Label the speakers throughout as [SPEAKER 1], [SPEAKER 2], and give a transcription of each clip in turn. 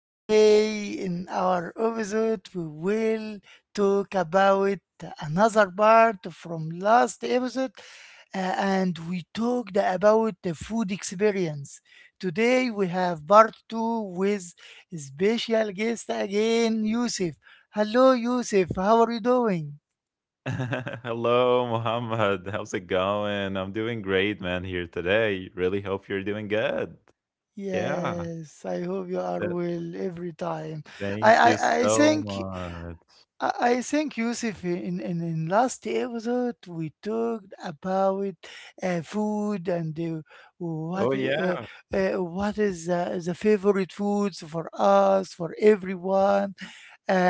[SPEAKER 1] Today in our episode we will talk about another part from last episode and we talked about the food experience. Today we have part 2 with special guest again Yusuf. Hello Yusuf, how are you doing?
[SPEAKER 2] Hello, Mohammed. How's it going? I'm doing great, man, here today. Really hope you're doing good. Yeah.
[SPEAKER 1] Yes, I hope you are
[SPEAKER 2] th-
[SPEAKER 1] well every time. I,
[SPEAKER 2] Thank you
[SPEAKER 1] I, I
[SPEAKER 2] so
[SPEAKER 1] think
[SPEAKER 2] much.
[SPEAKER 1] I think, Yusuf, in last episode we talked about food and what
[SPEAKER 2] Oh,
[SPEAKER 1] uh,
[SPEAKER 2] yeah.
[SPEAKER 1] what is the favorite foods for us, for everyone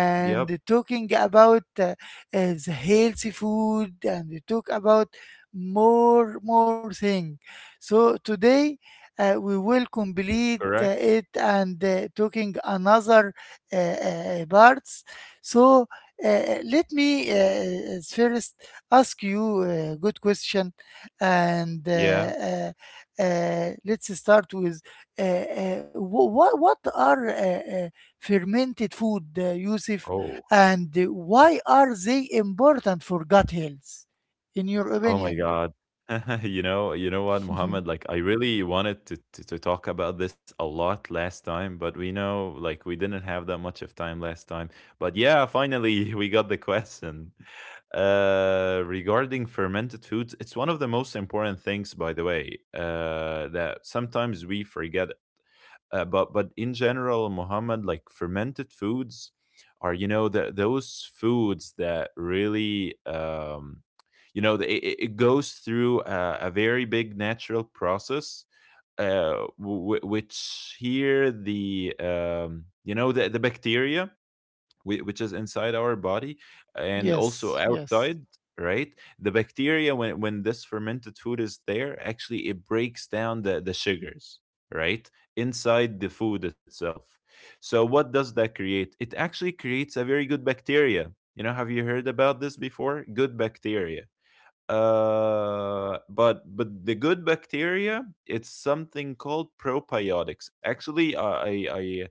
[SPEAKER 2] Yep.
[SPEAKER 1] talking about the healthy food, and we talk about more thing. So today we will complete
[SPEAKER 2] Correct.
[SPEAKER 1] it and talking another uh, uh, parts. So let me first ask you a good question, and
[SPEAKER 2] Yeah.
[SPEAKER 1] let's start with what are uh, fermented food, Yusuf,
[SPEAKER 2] Oh.
[SPEAKER 1] and why are they important for gut health, in your
[SPEAKER 2] Oh my
[SPEAKER 1] opinion?
[SPEAKER 2] God. You know what, Muhammad? Like, I really wanted to talk about this a lot last time, but we know, like, we didn't have that much of time last time. But yeah, finally, we got the question. Regarding fermented foods, it's one of the most important things, by the way, that sometimes we forget, but in general, Muhammad, like fermented foods are, those foods that really, it goes through a very big natural process, which here the you know the bacteria, which is inside our body and also
[SPEAKER 1] yes, yes,
[SPEAKER 2] outside. Right, the bacteria, when this fermented food is there, actually it breaks down the sugars, right, inside the food itself. So what does that create? It actually creates a very good bacteria. You know, have you heard about this before? Good bacteria. But the good bacteria, it's something called probiotics. Actually, I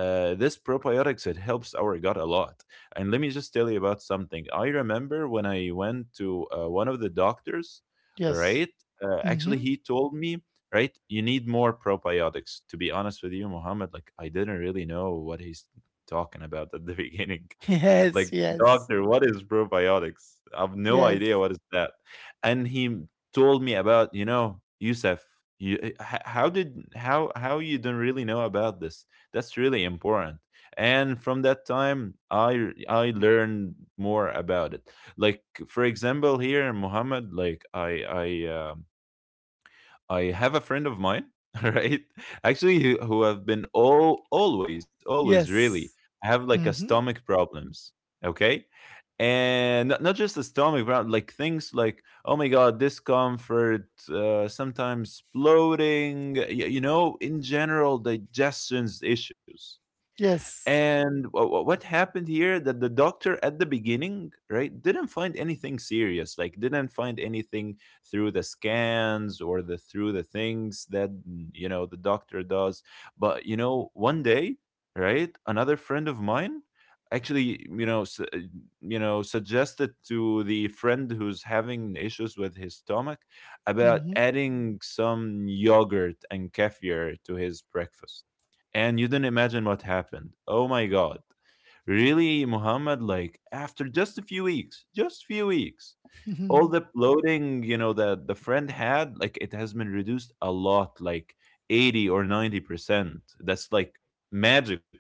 [SPEAKER 2] this probiotics, it helps our gut a lot. And let me just tell you about something. I remember when I went to one of the doctors,
[SPEAKER 1] yes.
[SPEAKER 2] right. Actually,
[SPEAKER 1] Mm-hmm.
[SPEAKER 2] he told me, right, you need more probiotics. To be honest with you, Mohammed, like I didn't really know what he's talking about at the beginning.
[SPEAKER 1] Yes,
[SPEAKER 2] Like,
[SPEAKER 1] yes,
[SPEAKER 2] "Doctor, what is probiotics? I've no idea
[SPEAKER 1] yes,
[SPEAKER 2] what is that." And he told me about, you know, "Yusuf, you, h- how did how you don't really know about this? That's really important." And from that time, I learned more about it. Like for example, here in Muhammad, like I I uh, I have a friend of mine, right? Actually, who have been all always, always really
[SPEAKER 1] yes.
[SPEAKER 2] have like a
[SPEAKER 1] Mm-hmm.
[SPEAKER 2] stomach problems. Okay, and not just a stomach problem, like things like, oh my god, discomfort, sometimes bloating, you know, in general, digestion's issues.
[SPEAKER 1] Yes.
[SPEAKER 2] And what happened here, that the doctor at the beginning, right, didn't find anything serious, like didn't find anything through the scans or the through the things that, you know, the doctor does. But you know, one day, right, another friend of mine, actually, you know, you know, suggested to the friend who's having issues with his stomach about
[SPEAKER 1] Mm-hmm.
[SPEAKER 2] adding some yogurt and kefir to his breakfast, and you didn't imagine what happened. Oh my god. Really, Muhammad, like after just a few weeks, just few weeks, all the bloating, you know, that the friend had, like it has been reduced a lot, like 80 or 90%. That's like magical,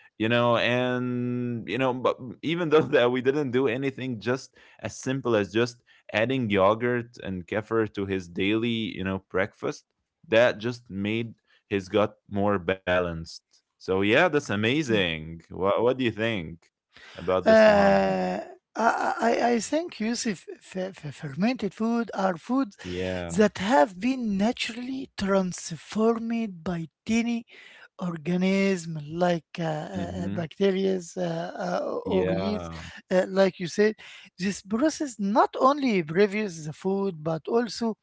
[SPEAKER 2] you know. And you know, but even though that we didn't do anything, just as simple as just adding yogurt and kefir to his daily, you know, breakfast, that just made his gut more balanced. So yeah, that's amazing. What do you think about this, Muhammad?
[SPEAKER 1] Uh, I think, Yusuf, fermented food are foods
[SPEAKER 2] Yeah.
[SPEAKER 1] that have been naturally transformed by tiny organism like
[SPEAKER 2] Hmm.
[SPEAKER 1] bacteria or yeast,
[SPEAKER 2] Yeah.
[SPEAKER 1] like you said. This process not only previews the food but also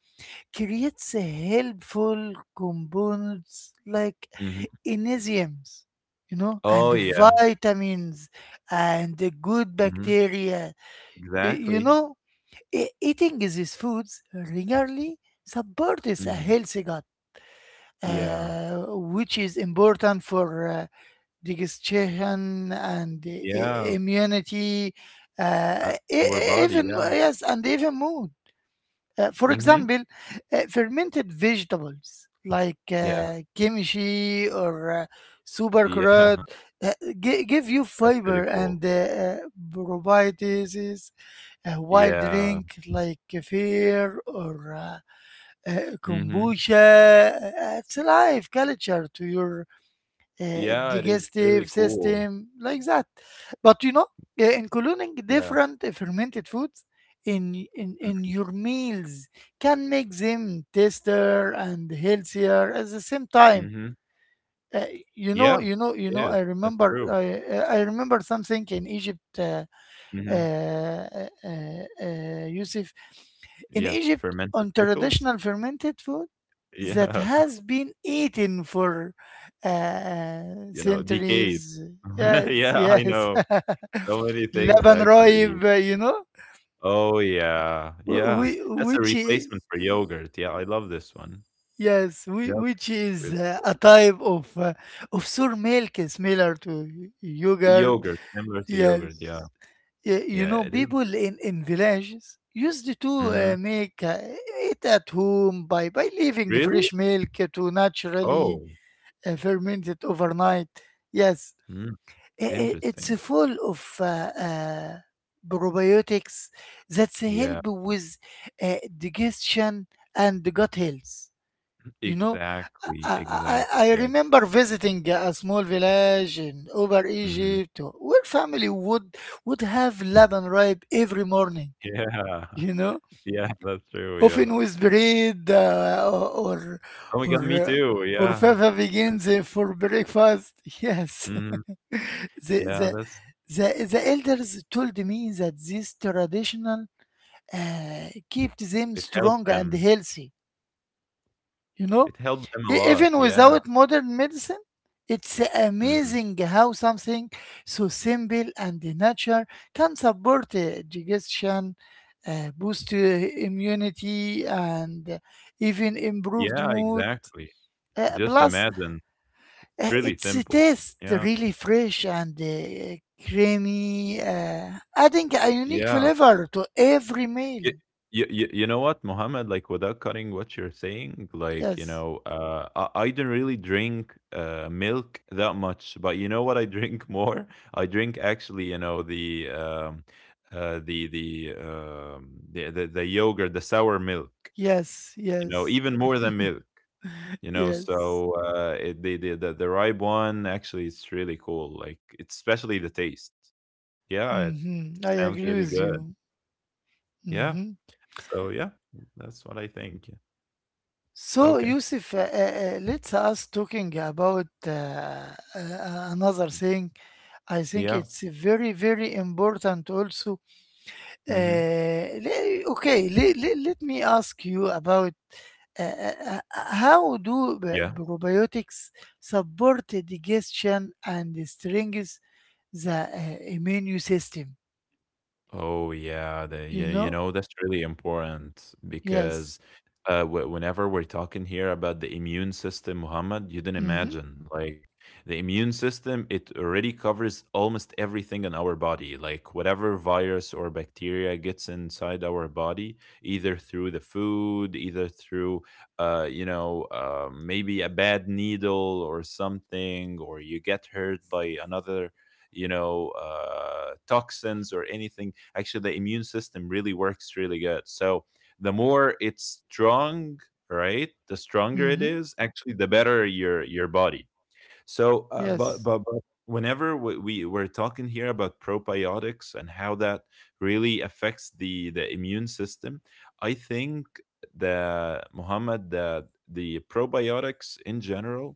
[SPEAKER 1] creates a helpful components like
[SPEAKER 2] Hmm.
[SPEAKER 1] enzymes, you know,
[SPEAKER 2] Oh,
[SPEAKER 1] and
[SPEAKER 2] yeah.
[SPEAKER 1] vitamins and the good
[SPEAKER 2] Hmm.
[SPEAKER 1] bacteria. You
[SPEAKER 2] Exactly.
[SPEAKER 1] know, eating these foods regularly supports a
[SPEAKER 2] Hmm.
[SPEAKER 1] healthy gut,
[SPEAKER 2] Yeah.
[SPEAKER 1] uh, which is important for. Digestion and
[SPEAKER 2] Yeah.
[SPEAKER 1] immunity,
[SPEAKER 2] Uh, our body. Yeah.
[SPEAKER 1] and even mood. For
[SPEAKER 2] Hmm.
[SPEAKER 1] example, fermented vegetables like
[SPEAKER 2] Yeah.
[SPEAKER 1] kimchi or super
[SPEAKER 2] Yeah.
[SPEAKER 1] carrot uh, give you
[SPEAKER 2] That's really
[SPEAKER 1] fiber
[SPEAKER 2] cool.
[SPEAKER 1] and uh, probiotics. A wild
[SPEAKER 2] Yeah.
[SPEAKER 1] drink like kefir or
[SPEAKER 2] Mhm.
[SPEAKER 1] kombucha adds life culture to your
[SPEAKER 2] Yeah, it is really
[SPEAKER 1] digestive
[SPEAKER 2] cool.
[SPEAKER 1] system, like that. But you know, including
[SPEAKER 2] Yeah.
[SPEAKER 1] different fermented foods in your meals can make them tastier and healthier at the same time.
[SPEAKER 2] Mhm.
[SPEAKER 1] Uh,
[SPEAKER 2] Yeah, it is. That's true.
[SPEAKER 1] I remember something in Egypt,
[SPEAKER 2] Mhm.
[SPEAKER 1] uh, Yusuf. In
[SPEAKER 2] Yeah,
[SPEAKER 1] Egypt,
[SPEAKER 2] fermented
[SPEAKER 1] on
[SPEAKER 2] pickles.
[SPEAKER 1] traditional fermented food that
[SPEAKER 2] Yeah,
[SPEAKER 1] has been eaten for uh,
[SPEAKER 2] you know, decayed.
[SPEAKER 1] centuries. Yes,
[SPEAKER 2] Yeah, I
[SPEAKER 1] yes.
[SPEAKER 2] know. So many things
[SPEAKER 1] Laban
[SPEAKER 2] actually.
[SPEAKER 1] Raib, you know,
[SPEAKER 2] Oh, yeah.
[SPEAKER 1] wh-
[SPEAKER 2] Yeah.
[SPEAKER 1] whi-
[SPEAKER 2] That's a
[SPEAKER 1] which I-
[SPEAKER 2] replacement for yogurt. Yeah, I love this one.
[SPEAKER 1] yes, whi-
[SPEAKER 2] Yeah.
[SPEAKER 1] which is
[SPEAKER 2] Really
[SPEAKER 1] uh,
[SPEAKER 2] cool.
[SPEAKER 1] a type of uh, of sour milk similar to yogurt.
[SPEAKER 2] Yogurt, similar to yogurt. Yeah.
[SPEAKER 1] Yes, you
[SPEAKER 2] Yeah,
[SPEAKER 1] know,
[SPEAKER 2] it is.
[SPEAKER 1] people in villages used to
[SPEAKER 2] Mhm.
[SPEAKER 1] make it at home by leaving
[SPEAKER 2] Really?
[SPEAKER 1] fresh milk to naturally
[SPEAKER 2] Oh,
[SPEAKER 1] Fermented overnight. Yes,
[SPEAKER 2] mm,
[SPEAKER 1] it's
[SPEAKER 2] interesting.
[SPEAKER 1] full of probiotics that
[SPEAKER 2] Yeah.
[SPEAKER 1] help with uh, digestion and gut health. You know,
[SPEAKER 2] Exactly,
[SPEAKER 1] I,
[SPEAKER 2] exactly,
[SPEAKER 1] I, I I
[SPEAKER 2] yep,
[SPEAKER 1] remember visiting a small village in over
[SPEAKER 2] mhm,
[SPEAKER 1] Egypt where family would have laban ripe every morning.
[SPEAKER 2] yeah,
[SPEAKER 1] You know,
[SPEAKER 2] yeah, that's true, yeah.
[SPEAKER 1] often with bread uh, or
[SPEAKER 2] Oh my god,
[SPEAKER 1] or
[SPEAKER 2] me
[SPEAKER 1] uh,
[SPEAKER 2] too,
[SPEAKER 1] or
[SPEAKER 2] yeah,
[SPEAKER 1] fava begins for breakfast. Yes,
[SPEAKER 2] mhm,
[SPEAKER 1] the,
[SPEAKER 2] yeah,
[SPEAKER 1] the
[SPEAKER 2] that's
[SPEAKER 1] the elders told me that this traditional kept them
[SPEAKER 2] it helped
[SPEAKER 1] strong and
[SPEAKER 2] them,
[SPEAKER 1] healthy. You know,
[SPEAKER 2] it helped them a
[SPEAKER 1] Even
[SPEAKER 2] lot, yeah,
[SPEAKER 1] without modern medicine, it's
[SPEAKER 2] mhm,
[SPEAKER 1] amazing how something so simple and natural can support digestion, boost immunity, and even improved
[SPEAKER 2] yeah,
[SPEAKER 1] mood.
[SPEAKER 2] exactly, just
[SPEAKER 1] Plus,
[SPEAKER 2] imagine, it's really
[SPEAKER 1] it's
[SPEAKER 2] simple,
[SPEAKER 1] tastes
[SPEAKER 2] yeah,
[SPEAKER 1] really fresh and creamy, adding a unique
[SPEAKER 2] yeah.
[SPEAKER 1] flavor to every
[SPEAKER 2] you,
[SPEAKER 1] meal.
[SPEAKER 2] you know what, Mohammed? Like, without cutting what you're saying, like, you
[SPEAKER 1] Yes,
[SPEAKER 2] know, I didn't really drink milk that much, but you know what? I drink more. I drink, actually, you know, the yogurt, the sour milk.
[SPEAKER 1] yes,
[SPEAKER 2] You know,
[SPEAKER 1] yes,
[SPEAKER 2] even more than milk. You know,
[SPEAKER 1] yes.
[SPEAKER 2] so the ripe one, actually it's really cool. Like, it's especially the taste. Yeah, it
[SPEAKER 1] Hmm. I
[SPEAKER 2] sounds
[SPEAKER 1] agree
[SPEAKER 2] really
[SPEAKER 1] with
[SPEAKER 2] good.
[SPEAKER 1] you.
[SPEAKER 2] Yeah.
[SPEAKER 1] Hmm.
[SPEAKER 2] So yeah, that's what I think.
[SPEAKER 1] So,
[SPEAKER 2] Okay.
[SPEAKER 1] Yusuf, let's us talking about another thing. I think
[SPEAKER 2] Yeah.
[SPEAKER 1] it's very, very important also.
[SPEAKER 2] Hmm.
[SPEAKER 1] Uh, okay, let me ask you about how do
[SPEAKER 2] Yeah.
[SPEAKER 1] probiotics support the digestion and strengthens the immune system?
[SPEAKER 2] Oh yeah, the you
[SPEAKER 1] You
[SPEAKER 2] you
[SPEAKER 1] know?
[SPEAKER 2] know that's really important,
[SPEAKER 1] Yes.
[SPEAKER 2] because w whenever we're talking here about the immune system, Muhammad, you didn't
[SPEAKER 1] Mm-hmm.
[SPEAKER 2] imagine, like the immune system, it already covers almost everything in our body, like whatever virus or bacteria gets inside our body, either through the food, either through, you know, maybe a bad needle or something, or you get hurt by another, you know, toxins or anything. Actually the immune system really works really good. So the more it's strong, right, the stronger it
[SPEAKER 1] Mm-hmm.
[SPEAKER 2] is, actually the better your body. So uh,
[SPEAKER 1] Yes.
[SPEAKER 2] but, but but whenever we're talking here about probiotics and how that really affects the immune system, I think, the Muhammad, the probiotics in general,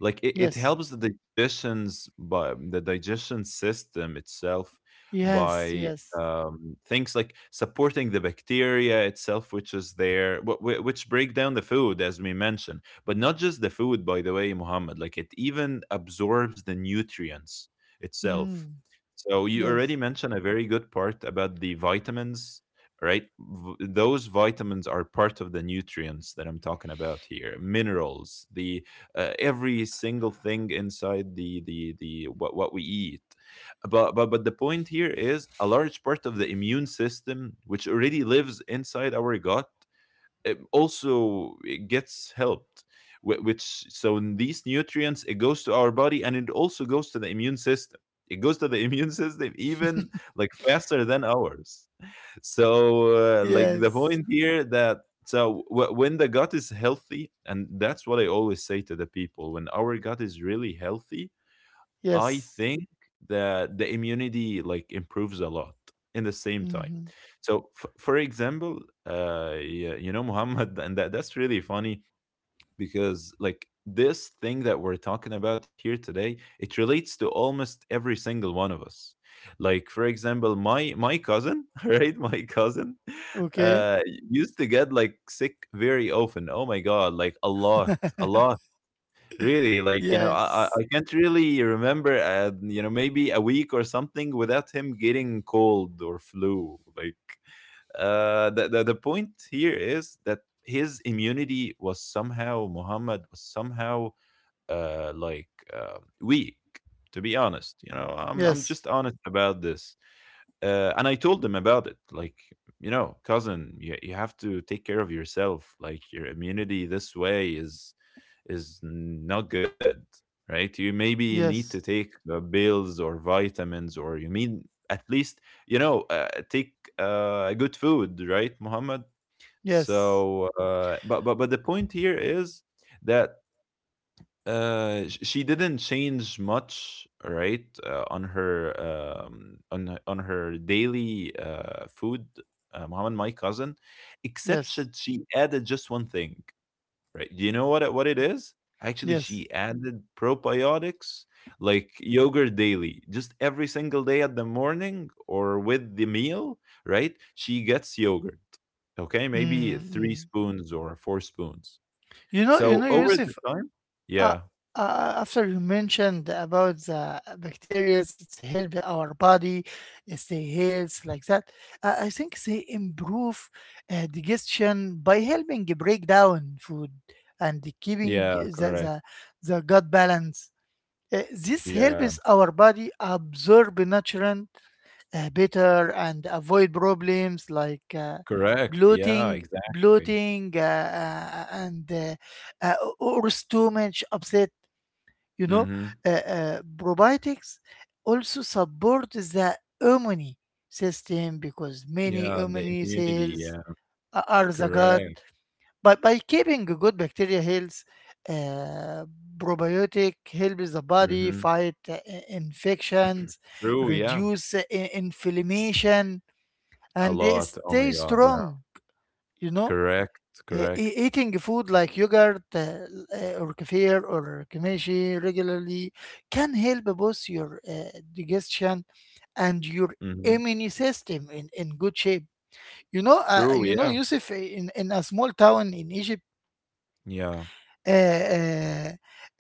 [SPEAKER 2] like it
[SPEAKER 1] Yes.
[SPEAKER 2] helps the digestions by the digestion system itself,
[SPEAKER 1] Yes.
[SPEAKER 2] by,
[SPEAKER 1] Yes.
[SPEAKER 2] things like supporting the bacteria itself, which is there, which break down the food as we mentioned. But not just the food, by the way, Muhammad. Like it even absorbs the nutrients itself.
[SPEAKER 1] Mm.
[SPEAKER 2] So you already
[SPEAKER 1] Yes.
[SPEAKER 2] mentioned a very good part about the vitamins, right? Those vitamins are part of the nutrients that I'm talking about here, minerals, the every single thing inside the what we eat. But the point here is, a large part of the immune system, which already lives inside our gut, it also it gets helped, wh- which so in these nutrients it goes to our body and it also goes to the immune system, it goes to the immune system even, like, faster than ours. So like the
[SPEAKER 1] Yes.
[SPEAKER 2] point here that, so when the gut is healthy, and that's what I always say to the people, when our gut is really healthy, I
[SPEAKER 1] Yes.
[SPEAKER 2] think that the immunity like improves a lot in the same time.
[SPEAKER 1] Mhm.
[SPEAKER 2] So, for example, yeah, you know, Muhammad, and that's really funny, because like this thing that we're talking about here today, it relates to almost every single one of us. Like for example, my cousin, right, my cousin
[SPEAKER 1] Okay.
[SPEAKER 2] uh used to get like sick very often. Oh my god, like a lot, a lot, really. Like, you know, i
[SPEAKER 1] Yes.
[SPEAKER 2] i I can't really remember, you know, maybe a week or something without him getting cold or flu, like, the point here is that his immunity was somehow, Muhammad, was somehow, like weak. To be honest, you know, I'm
[SPEAKER 1] Yes.
[SPEAKER 2] just honest about this, and I told him about it. Like, you know, cousin, you have to take care of yourself. Like your immunity this way is not good, right? You maybe need to
[SPEAKER 1] Yes.
[SPEAKER 2] take the pills or vitamins, or you mean at least, you know, take good food, right, Muhammad?
[SPEAKER 1] Yes.
[SPEAKER 2] So, but the point here is that, she didn't change much, right, on her, on on her daily food, Muhammad, my cousin, except
[SPEAKER 1] Yes.
[SPEAKER 2] that she added just one thing. Right. You know what what it is? Actually,
[SPEAKER 1] Yes.
[SPEAKER 2] she added probiotics, like yogurt daily, just every single day at the morning or with the meal, right? She gets yogurt. Okay,
[SPEAKER 1] Mm.
[SPEAKER 2] maybe three
[SPEAKER 1] Hmm.
[SPEAKER 2] spoons or four spoons.
[SPEAKER 1] You know,
[SPEAKER 2] So over the
[SPEAKER 1] Yusuf,
[SPEAKER 2] time,
[SPEAKER 1] uh,
[SPEAKER 2] yeah,
[SPEAKER 1] after you mentioned about the bacteria, it's help our body stay healthy like that. I think they improve digestion by helping break down food and
[SPEAKER 2] yeah,
[SPEAKER 1] keeping
[SPEAKER 2] correct.
[SPEAKER 1] the gut balance. This
[SPEAKER 2] Yeah,
[SPEAKER 1] helps our body absorb nutrients better and avoid problems like
[SPEAKER 2] correct. Yeah,
[SPEAKER 1] bloating,
[SPEAKER 2] exactly.
[SPEAKER 1] bloating, and or stomach upset. You know,
[SPEAKER 2] Mm-hmm.
[SPEAKER 1] probiotics also support the immune system because many
[SPEAKER 2] Yeah, the
[SPEAKER 1] immune
[SPEAKER 2] immunity.
[SPEAKER 1] cells
[SPEAKER 2] Yeah,
[SPEAKER 1] are the gut,
[SPEAKER 2] correct.
[SPEAKER 1] but by keeping good bacteria health, uh, probiotic helps the body
[SPEAKER 2] Mm-hmm.
[SPEAKER 1] fight infections,
[SPEAKER 2] True. Yeah,
[SPEAKER 1] reduce inflammation,
[SPEAKER 2] a
[SPEAKER 1] and they
[SPEAKER 2] lot. Oh
[SPEAKER 1] stay
[SPEAKER 2] my God. Yeah,
[SPEAKER 1] strong. You know,
[SPEAKER 2] correct. Correct.
[SPEAKER 1] Eating food like yogurt or kefir or kamashi regularly can help both your digestion and your
[SPEAKER 2] Mhm.
[SPEAKER 1] immune system in good shape. You know, uh,
[SPEAKER 2] True,
[SPEAKER 1] you know,
[SPEAKER 2] yeah.
[SPEAKER 1] Yusuf, in a small town in Egypt
[SPEAKER 2] Yeah.
[SPEAKER 1] uh, uh,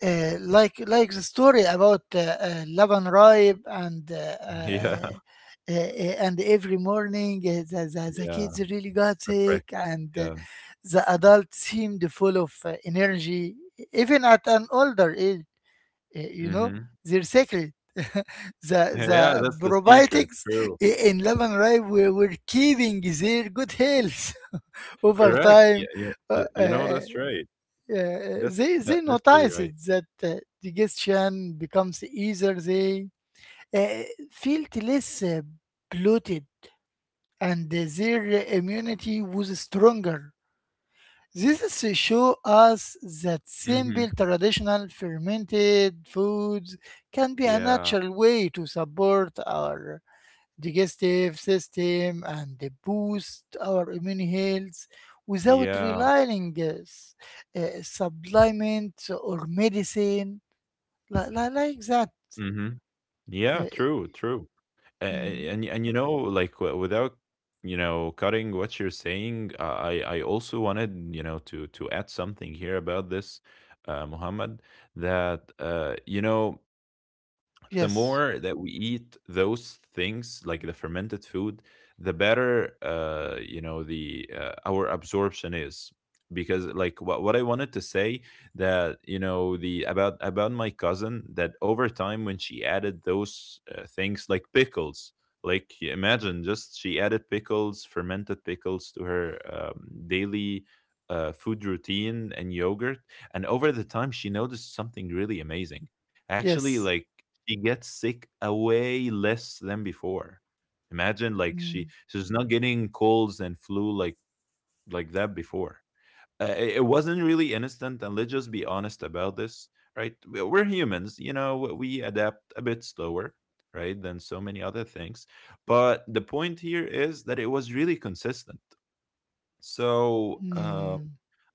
[SPEAKER 1] like the story about Laban Raib
[SPEAKER 2] Yeah.
[SPEAKER 1] and every morning the
[SPEAKER 2] Yeah.
[SPEAKER 1] kids really got
[SPEAKER 2] The
[SPEAKER 1] sick
[SPEAKER 2] breakfast.
[SPEAKER 1] and
[SPEAKER 2] Yeah.
[SPEAKER 1] the adults seemed full of energy even at an older age, you know,
[SPEAKER 2] Mhm.
[SPEAKER 1] their secret the
[SPEAKER 2] Yeah,
[SPEAKER 1] the
[SPEAKER 2] that's the secret.
[SPEAKER 1] probiotics
[SPEAKER 2] True.
[SPEAKER 1] in Laban Raib were keeping their good health over
[SPEAKER 2] Correct.
[SPEAKER 1] time.
[SPEAKER 2] Yeah, yeah,
[SPEAKER 1] uh,
[SPEAKER 2] yeah. You know,
[SPEAKER 1] uh,
[SPEAKER 2] that's right.
[SPEAKER 1] yeah,
[SPEAKER 2] That's that
[SPEAKER 1] they
[SPEAKER 2] that's really
[SPEAKER 1] noticed
[SPEAKER 2] right.
[SPEAKER 1] that the digestion becomes easier. They uh, feel less bloated, and their immunity was stronger. This is show us that simple
[SPEAKER 2] Mhm.
[SPEAKER 1] traditional fermented foods can be a
[SPEAKER 2] Yeah.
[SPEAKER 1] natural way to support our digestive system and boost our immune health without
[SPEAKER 2] Yeah.
[SPEAKER 1] relying supplements or medicine like that.
[SPEAKER 2] Mhm. Yeah,
[SPEAKER 1] Uh,
[SPEAKER 2] true, true. A
[SPEAKER 1] mm,
[SPEAKER 2] and, you know, like, w without, you know, cutting what you're saying, I also wanted, you know, to add something here about this, Muhammad, that, you know, the
[SPEAKER 1] yes,
[SPEAKER 2] more that we eat those things like the fermented food, the better, you know, the our absorption is. Because like what I wanted to say, that you know, the about my cousin, that over time when she added those things like pickles, like you imagine, just she added pickles, fermented pickles to her, daily food routine, and yogurt, and over the time she noticed something really amazing, actually.
[SPEAKER 1] yes.
[SPEAKER 2] Like she gets sick a way less than before. Imagine, like
[SPEAKER 1] Mm,
[SPEAKER 2] she's not getting colds and flu, like that before. It wasn't really instant, and let's just be honest about this, right? We're humans, you know. We adapt a bit slower, right, than so many other things. But the point here is that it was really consistent. So um,
[SPEAKER 1] mm.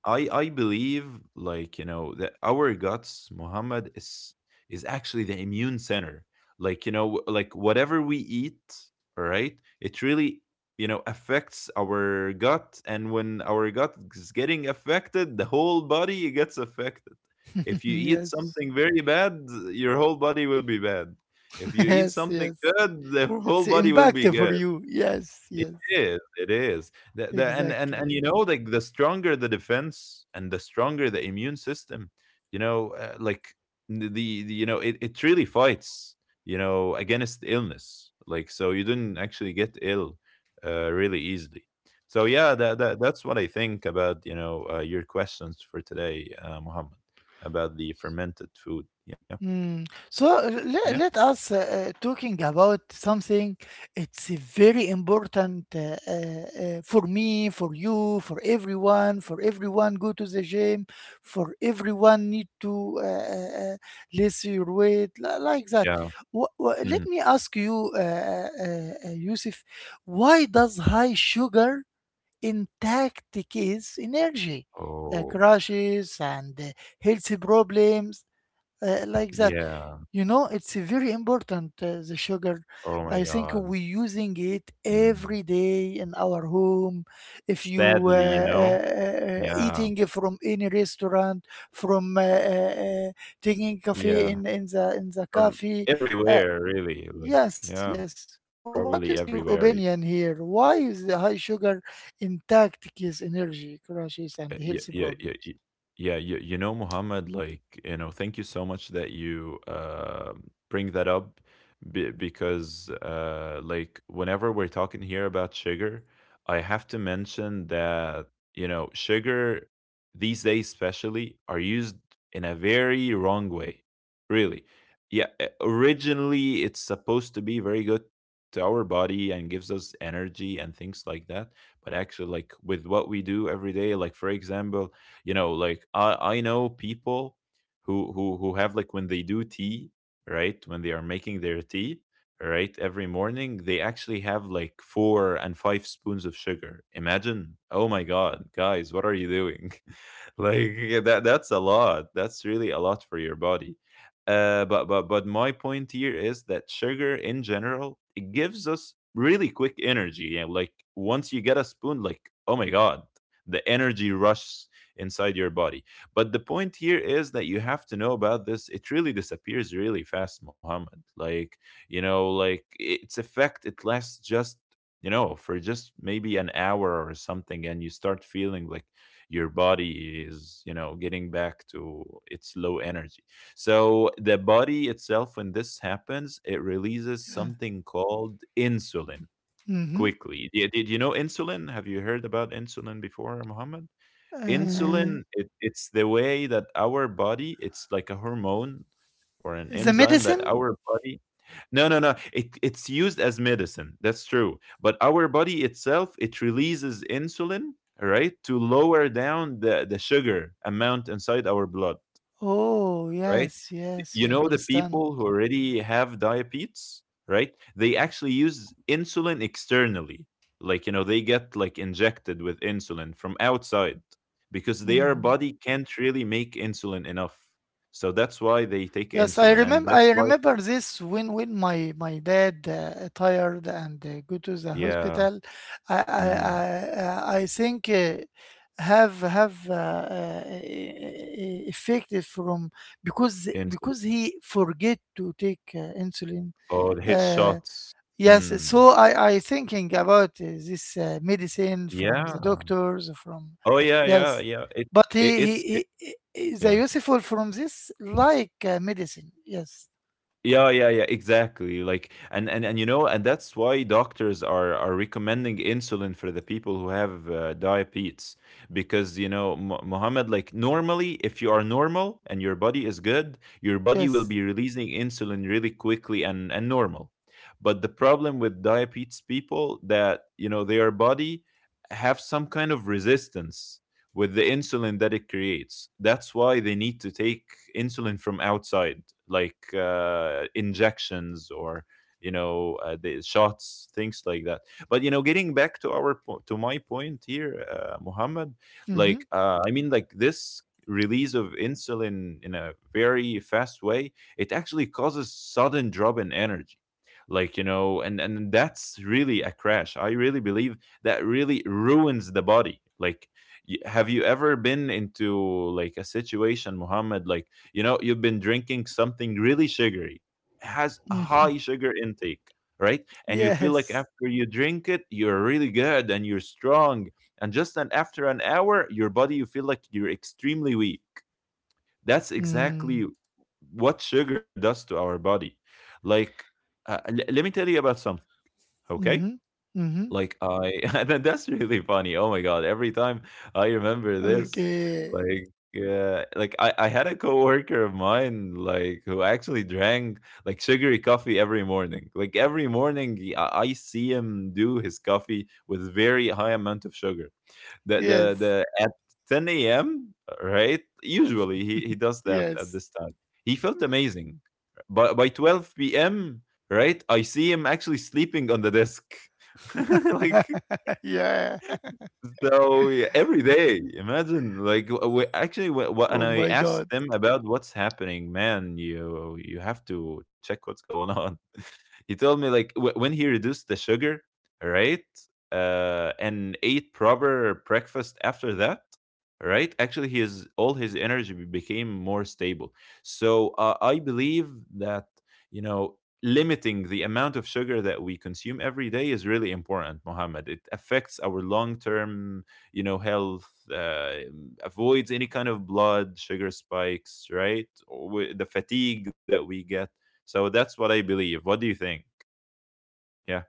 [SPEAKER 2] I I believe like you know that our guts, Muhammad, is actually the immune center. Like you know, like whatever we eat, all right, it really you know affects our gut, and when our gut is getting affected, the whole body gets affected. If you eat
[SPEAKER 1] Yes,
[SPEAKER 2] something very bad, your whole body will be bad. If you eat
[SPEAKER 1] yes,
[SPEAKER 2] something
[SPEAKER 1] yes.
[SPEAKER 2] good, the whole
[SPEAKER 1] It's
[SPEAKER 2] body will be
[SPEAKER 1] impactful for
[SPEAKER 2] good.
[SPEAKER 1] you. Yes,
[SPEAKER 2] It
[SPEAKER 1] yes,
[SPEAKER 2] is, it is. The and,
[SPEAKER 1] exactly.
[SPEAKER 2] You know, like, the stronger the defense and the stronger the immune system, you know, like, the you know, it really fights, you know, against illness. Like, so you didn't actually get ill, really easily. So yeah, that's what I think about, you know, your questions for today, Mohammed, about the fermented food. Yeah.
[SPEAKER 1] Mm. So
[SPEAKER 2] Yeah.
[SPEAKER 1] let, let us talking about something. It's very important for me, for you, for everyone. For everyone, go to the gym. For everyone, need to lose your weight like that.
[SPEAKER 2] Yeah. Mhm.
[SPEAKER 1] Let me ask you, Yusuf, why does high sugar impact the kids' energy,
[SPEAKER 2] Oh,
[SPEAKER 1] crashes, and health problems, like that?
[SPEAKER 2] yeah.
[SPEAKER 1] You know, it's a very important, the sugar.
[SPEAKER 2] Oh my
[SPEAKER 1] I think
[SPEAKER 2] God.
[SPEAKER 1] we using it
[SPEAKER 2] Mm.
[SPEAKER 1] every day in our home. If you
[SPEAKER 2] Sadly, you know? Yeah,
[SPEAKER 1] eating from any restaurant, from taking coffee
[SPEAKER 2] yeah,
[SPEAKER 1] in the
[SPEAKER 2] from
[SPEAKER 1] coffee, uh,
[SPEAKER 2] everywhere, really, like,
[SPEAKER 1] yes,
[SPEAKER 2] yeah,
[SPEAKER 1] yes.
[SPEAKER 2] probably
[SPEAKER 1] What is your
[SPEAKER 2] everywhere.
[SPEAKER 1] opinion here? Why is the high sugar intact gives energy crashes
[SPEAKER 2] Uh,
[SPEAKER 1] and
[SPEAKER 2] yeah,
[SPEAKER 1] health
[SPEAKER 2] yeah, yeah, y
[SPEAKER 1] problems?
[SPEAKER 2] yeah, you know, Muhammad, like, you know, thank you so much that you bring that up be because, like, whenever we're talking here about sugar, I have to mention that, you know, sugar these days, especially, are used in a very wrong way, really. Yeah, originally, it's supposed to be very good to our body and gives us energy and things like that, but actually, like, with what we do every day, like for example, you know, like I know people who have, like, when they do tea, right, when they are making their tea, right, every morning, they actually have like four and five spoons of sugar. Imagine. Oh my god, guys, what are you doing? Like yeah, that's a lot, that's really a lot for your body. But my point here is that sugar in general, it gives us really quick energy. Yeah, like once you get a spoon, like, oh my god, the energy rushes inside your body. But the point here is that you have to know about this. It really disappears really fast, Muhammad. Like, you know, like its effect, it lasts just, you know, for just maybe an hour or something, and you start feeling like your body is, you know, getting back to its low energy. So the body itself, when this happens, it releases
[SPEAKER 1] Yeah.
[SPEAKER 2] something called insulin
[SPEAKER 1] Mm-hmm.
[SPEAKER 2] quickly. Did you know insulin? Have you heard about insulin before, Mohammed?
[SPEAKER 1] Uh,
[SPEAKER 2] Insulin, it's the way that our body, it's like a hormone or an
[SPEAKER 1] the
[SPEAKER 2] enzyme that
[SPEAKER 1] medicine?
[SPEAKER 2] our body, no no no it, it's used as medicine, that's true, but our body itself, it releases insulin, right, to lower down the sugar amount inside our blood,
[SPEAKER 1] Oh,
[SPEAKER 2] right?
[SPEAKER 1] yes, yes,
[SPEAKER 2] You
[SPEAKER 1] you
[SPEAKER 2] know, the
[SPEAKER 1] understand.
[SPEAKER 2] people who already have diabetes, right? They actually use insulin externally. Like, you know, they get like injected with insulin from outside because their
[SPEAKER 1] Hmm.
[SPEAKER 2] body can't really make insulin enough. So that's why they take
[SPEAKER 1] Yes, I
[SPEAKER 2] insulin. And
[SPEAKER 1] remember. I
[SPEAKER 2] that's why,
[SPEAKER 1] remember this when my dad tired and go to the
[SPEAKER 2] yeah,
[SPEAKER 1] hospital. I I I,
[SPEAKER 2] mm,
[SPEAKER 1] I think have effective from because
[SPEAKER 2] insulin.
[SPEAKER 1] he forget to take insulin.
[SPEAKER 2] Oh, the
[SPEAKER 1] Uh,
[SPEAKER 2] headshots.
[SPEAKER 1] Yes, so
[SPEAKER 2] Mm,
[SPEAKER 1] I thinking about this medicine from the
[SPEAKER 2] yeah.
[SPEAKER 1] doctors from,
[SPEAKER 2] Oh, yeah, yeah,
[SPEAKER 1] yes,
[SPEAKER 2] yeah.
[SPEAKER 1] but he
[SPEAKER 2] It,
[SPEAKER 1] he,
[SPEAKER 2] it's, it,
[SPEAKER 1] he he- is a
[SPEAKER 2] yeah.
[SPEAKER 1] useful from this like medicine. Yes,
[SPEAKER 2] Yeah, yeah, yeah, exactly. Like, and you know, and that's why doctors are recommending insulin for the people who have diabetes, because you know, Muhammad, like normally, if you are normal and your body is good, your body will
[SPEAKER 1] yes,
[SPEAKER 2] be releasing insulin really quickly and normal. But the problem with diabetes people, that you know, their body have some kind of resistance with the insulin that it creates. That's why they need to take insulin from outside, like injections or you know, the shots, things like that. But you know, getting back to our to my point here, Muhammad,
[SPEAKER 1] mm-hmm.
[SPEAKER 2] like, I mean, like this release of insulin in a very fast way, it actually causes sudden drop in energy, like, you know. And that's really a crash. I really believe that really ruins the body. Like, have you ever been into like a situation, Muhammad, like, you know, you've been drinking something really sugary, has a
[SPEAKER 1] Mm-hmm.
[SPEAKER 2] high sugar intake, right? And you feel like
[SPEAKER 1] Yes,
[SPEAKER 2] after you drink it, you're really good and you're strong. And just an, after an hour, your body, you feel like you're extremely weak. That's
[SPEAKER 1] mm-hmm.
[SPEAKER 2] exactly what sugar does to our body. Like, let me tell you about something, okay?
[SPEAKER 1] Mm-hmm. Mm-hmm.
[SPEAKER 2] Like I and then that's really funny. Oh my god, every time I remember this,
[SPEAKER 1] Okay,
[SPEAKER 2] like yeah, like I had a coworker of mine, like, who actually drank like sugary coffee every morning. Like every morning I see him do his coffee with very high amount of sugar
[SPEAKER 1] yes,
[SPEAKER 2] the at 10 a.m. Right? Usually he does that at
[SPEAKER 1] yes,
[SPEAKER 2] this time. He felt amazing, but by 12 p.m., right, I see him actually sleeping on the desk. Like
[SPEAKER 1] yeah.
[SPEAKER 2] so, yeah, every day, imagine, like actually what, and
[SPEAKER 1] Oh
[SPEAKER 2] I
[SPEAKER 1] my
[SPEAKER 2] asked
[SPEAKER 1] God,
[SPEAKER 2] them about what's happening, man, you have to check what's going on. He told me like, when he reduced the sugar, right? Uh, and ate proper breakfast after that, right? Actually, his all his energy became more stable. So, I believe that, you know, limiting the amount of sugar that we consume every day is really important, Mohammed. It affects our long-term, you know, health, uh, avoids any kind of blood sugar spikes, right? Or the fatigue that we get. So that's what I believe. What do you think? Yeah.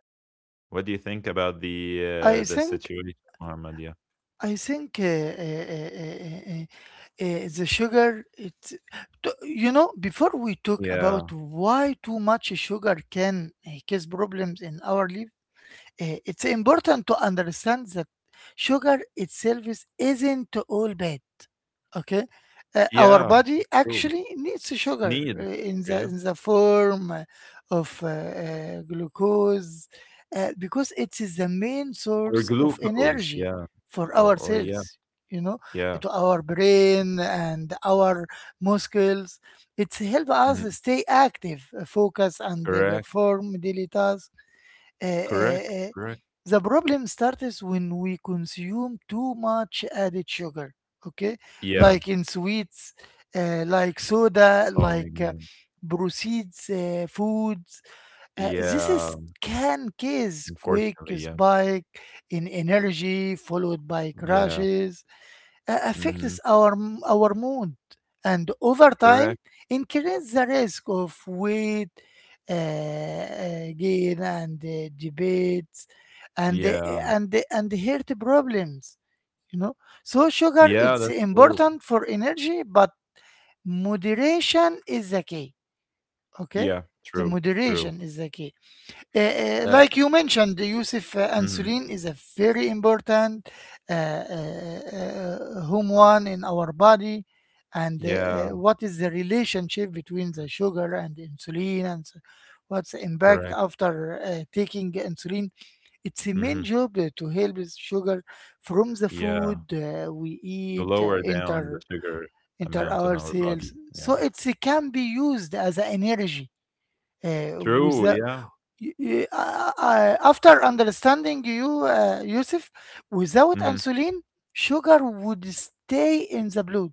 [SPEAKER 2] What do you think about
[SPEAKER 1] I
[SPEAKER 2] the
[SPEAKER 1] think
[SPEAKER 2] situation, Mohammed? Yeah.
[SPEAKER 1] I think the sugar, you know, before we talk about
[SPEAKER 2] Yeah.
[SPEAKER 1] why too much sugar can cause problems in our liver, it's important to understand that sugar itself isn't all bad. Okay. Our
[SPEAKER 2] Yeah.
[SPEAKER 1] body
[SPEAKER 2] True.
[SPEAKER 1] actually needs sugar
[SPEAKER 2] Need. Yeah,
[SPEAKER 1] in the form of glucose, because it is the main
[SPEAKER 2] or
[SPEAKER 1] source of
[SPEAKER 2] glucose.
[SPEAKER 1] energy
[SPEAKER 2] Yeah.
[SPEAKER 1] for
[SPEAKER 2] or,
[SPEAKER 1] our
[SPEAKER 2] or
[SPEAKER 1] cells.
[SPEAKER 2] yeah.
[SPEAKER 1] You know,
[SPEAKER 2] Yeah.
[SPEAKER 1] to our brain and our muscles. It's help us
[SPEAKER 2] Mhm.
[SPEAKER 1] stay active, focus, and
[SPEAKER 2] Correct.
[SPEAKER 1] perform daily tasks. uh, uh,
[SPEAKER 2] Correct.
[SPEAKER 1] uh,
[SPEAKER 2] Correct.
[SPEAKER 1] the problem starts when we consume too much added sugar, okay?
[SPEAKER 2] Yeah.
[SPEAKER 1] Like in sweets, like soda,
[SPEAKER 2] Oh my
[SPEAKER 1] like
[SPEAKER 2] god.
[SPEAKER 1] proceeds, foods. This is
[SPEAKER 2] Yeah,
[SPEAKER 1] can cause quick
[SPEAKER 2] unfortunately, yeah.
[SPEAKER 1] spike in energy followed by
[SPEAKER 2] Yeah.
[SPEAKER 1] crashes, affects
[SPEAKER 2] Mhm.
[SPEAKER 1] our our mood, and over time
[SPEAKER 2] Correct.
[SPEAKER 1] increase the risk of weight gain and debates and
[SPEAKER 2] Yeah.
[SPEAKER 1] and and health problems. You know, so sugar
[SPEAKER 2] Yeah,
[SPEAKER 1] it's
[SPEAKER 2] that's true.
[SPEAKER 1] important for energy, but moderation is the key. Okay,
[SPEAKER 2] Yeah,
[SPEAKER 1] the
[SPEAKER 2] true, true.
[SPEAKER 1] moderation is the key.
[SPEAKER 2] Uh,
[SPEAKER 1] Like you mentioned, Yusuf,
[SPEAKER 2] mhm.
[SPEAKER 1] insulin is a very important hormone in our body. And
[SPEAKER 2] Yeah,
[SPEAKER 1] what is the relationship between the sugar and insulin, and what's the impact
[SPEAKER 2] correct.
[SPEAKER 1] after taking insulin? It's a main
[SPEAKER 2] Mhm.
[SPEAKER 1] job to help the sugar from the
[SPEAKER 2] Yeah,
[SPEAKER 1] food we
[SPEAKER 2] to
[SPEAKER 1] eat
[SPEAKER 2] lower down the sugar
[SPEAKER 1] enter
[SPEAKER 2] amount in
[SPEAKER 1] our
[SPEAKER 2] our
[SPEAKER 1] cells,
[SPEAKER 2] body.
[SPEAKER 1] so
[SPEAKER 2] Yeah.
[SPEAKER 1] it can be used as a energy
[SPEAKER 2] True,
[SPEAKER 1] without
[SPEAKER 2] yeah.
[SPEAKER 1] After understanding you, Yusuf, without
[SPEAKER 2] Mhm.
[SPEAKER 1] insulin, sugar would stay in the blood.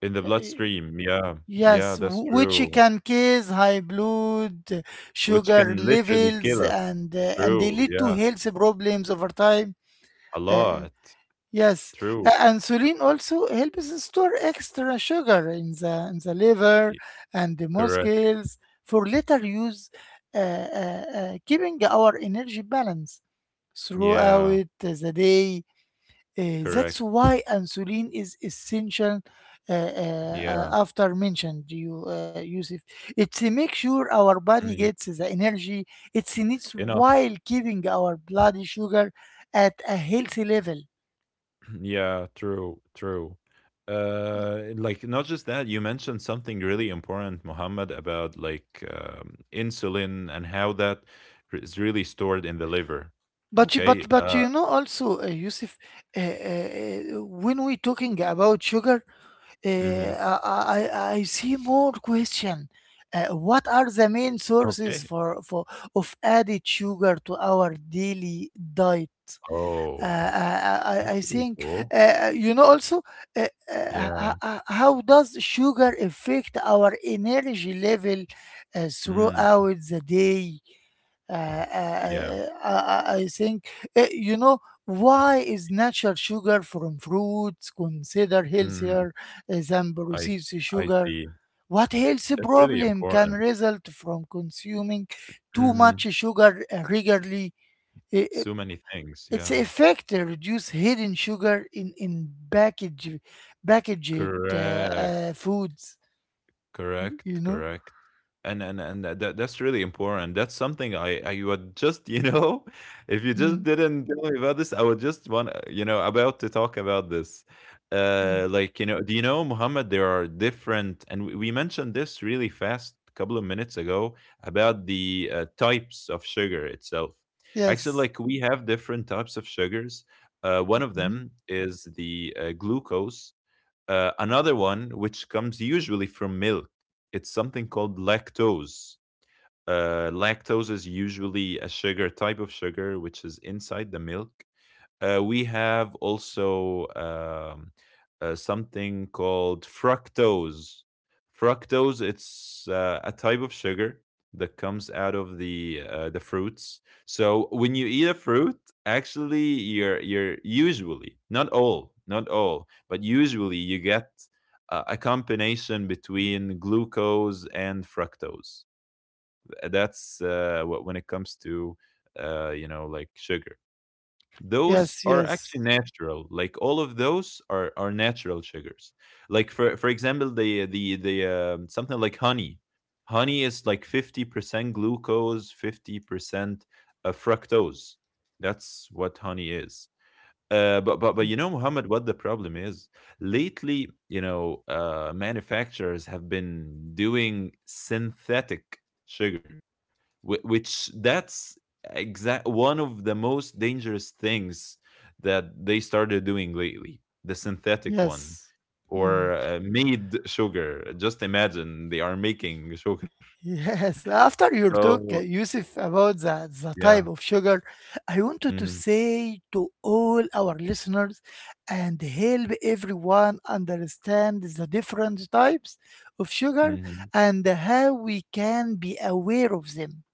[SPEAKER 2] In the
[SPEAKER 1] Uh, uh,
[SPEAKER 2] bloodstream. Yeah. Yeah,
[SPEAKER 1] Yes,
[SPEAKER 2] that's
[SPEAKER 1] which
[SPEAKER 2] true.
[SPEAKER 1] can cause high blood
[SPEAKER 2] Which
[SPEAKER 1] sugar
[SPEAKER 2] can literally
[SPEAKER 1] levels
[SPEAKER 2] kill us.
[SPEAKER 1] and they
[SPEAKER 2] True.
[SPEAKER 1] lead to
[SPEAKER 2] Yeah.
[SPEAKER 1] health problems over time.
[SPEAKER 2] A
[SPEAKER 1] Uh,
[SPEAKER 2] lot.
[SPEAKER 1] Yes,
[SPEAKER 2] True.
[SPEAKER 1] insulin also helps us store extra sugar in the liver
[SPEAKER 2] Y-
[SPEAKER 1] and the
[SPEAKER 2] Correct.
[SPEAKER 1] muscles for later use, keeping our energy balance
[SPEAKER 2] Yeah.
[SPEAKER 1] throughout the day. That's
[SPEAKER 2] Correct.
[SPEAKER 1] why insulin is essential.
[SPEAKER 2] Yeah.
[SPEAKER 1] After mentioned you, Yusuf, it's to make sure our body
[SPEAKER 2] Mhm.
[SPEAKER 1] gets the energy it needs
[SPEAKER 2] Enough.
[SPEAKER 1] while keeping our blood sugar at a healthy level.
[SPEAKER 2] Yeah, true, true. Like not just that, you mentioned something really important, Mohammed, about like, insulin and how that is really stored in the liver. Okay.
[SPEAKER 1] But you know also, Yusuf, when we talking about sugar,
[SPEAKER 2] Hmm.
[SPEAKER 1] I see more question. What are the main sources
[SPEAKER 2] Okay.
[SPEAKER 1] for of added sugar to our daily diet? Uh,
[SPEAKER 2] Oh,
[SPEAKER 1] I, I I
[SPEAKER 2] that's
[SPEAKER 1] I
[SPEAKER 2] really
[SPEAKER 1] think.
[SPEAKER 2] cool.
[SPEAKER 1] Also,
[SPEAKER 2] Yeah.
[SPEAKER 1] how does sugar affect our energy level
[SPEAKER 2] Mm,
[SPEAKER 1] throughout the day? Uh,
[SPEAKER 2] yeah.
[SPEAKER 1] I, I, I I think, uh, you know, why is natural sugar from fruits considered
[SPEAKER 2] Mm,
[SPEAKER 1] healthier than
[SPEAKER 2] I
[SPEAKER 1] processed
[SPEAKER 2] I
[SPEAKER 1] sugar?
[SPEAKER 2] see.
[SPEAKER 1] What health
[SPEAKER 2] That's really
[SPEAKER 1] problem can
[SPEAKER 2] important.
[SPEAKER 1] result from consuming too
[SPEAKER 2] Hmm.
[SPEAKER 1] much sugar regularly? I- i-
[SPEAKER 2] So many things.
[SPEAKER 1] Its
[SPEAKER 2] Yeah.
[SPEAKER 1] effect to reduce hidden sugar in packaged
[SPEAKER 2] Correct.
[SPEAKER 1] foods, you
[SPEAKER 2] Correct,
[SPEAKER 1] know?
[SPEAKER 2] correct. And that's really important. That's something I would just, you know, if you
[SPEAKER 1] Mm,
[SPEAKER 2] just didn't tell me about this, I would just want, you know, about to talk about this.
[SPEAKER 1] yeah.
[SPEAKER 2] Uh, like, you know, do you know, Muhammad, there are different, and we mentioned this really fast a couple of minutes ago about the types of sugar itself. Actually,
[SPEAKER 1] Yes.
[SPEAKER 2] like we have different types of sugars. One of
[SPEAKER 1] Mhm.
[SPEAKER 2] them is the glucose, another one, which comes usually from milk, it's something called lactose. Lactose is usually a sugar, type of sugar which is inside the milk. Uh, we have also, something called fructose. Fructose, it's, a type of sugar that comes out of the, the fruits. So when you eat a fruit, actually, you're usually not all, not all, but usually you get, a combination between glucose and fructose. That's, what when it comes to, you know, like sugar, those
[SPEAKER 1] Yes,
[SPEAKER 2] are
[SPEAKER 1] yes.
[SPEAKER 2] actually natural. Like all of those are natural sugars. Like for example, the something like honey. Honey is like 50% glucose, 50% fructose. That's what honey is. But you know, Muhammad, what the problem is lately? You know, manufacturers have been doing synthetic sugar. Which that's exact one of the most dangerous things that they started doing lately, the synthetic one,
[SPEAKER 1] Yes. Mm.
[SPEAKER 2] or made sugar. Just imagine, they are making sugar.
[SPEAKER 1] Yes. After your
[SPEAKER 2] So
[SPEAKER 1] talk, Yusuf, about the
[SPEAKER 2] yeah.
[SPEAKER 1] type of sugar, I wanted to
[SPEAKER 2] Hmm.
[SPEAKER 1] say to all our listeners and help everyone understand the different types of sugar
[SPEAKER 2] Hmm.
[SPEAKER 1] and how we can be aware of them.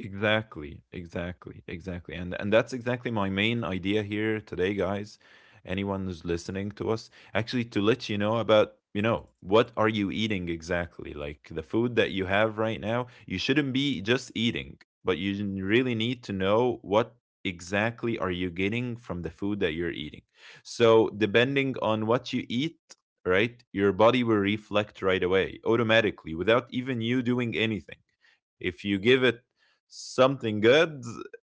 [SPEAKER 2] Exactly, exactly, exactly. And that's exactly my main idea here today, guys. Anyone who's listening to us, actually, to let you know about, you know, what are you eating exactly? Like the food that you have right now, you shouldn't be just eating, but you really need to know what exactly are you getting from the food that you're eating. So, depending on what you eat, right? Your body will reflect right away, automatically, without even you doing anything. If you give it something good,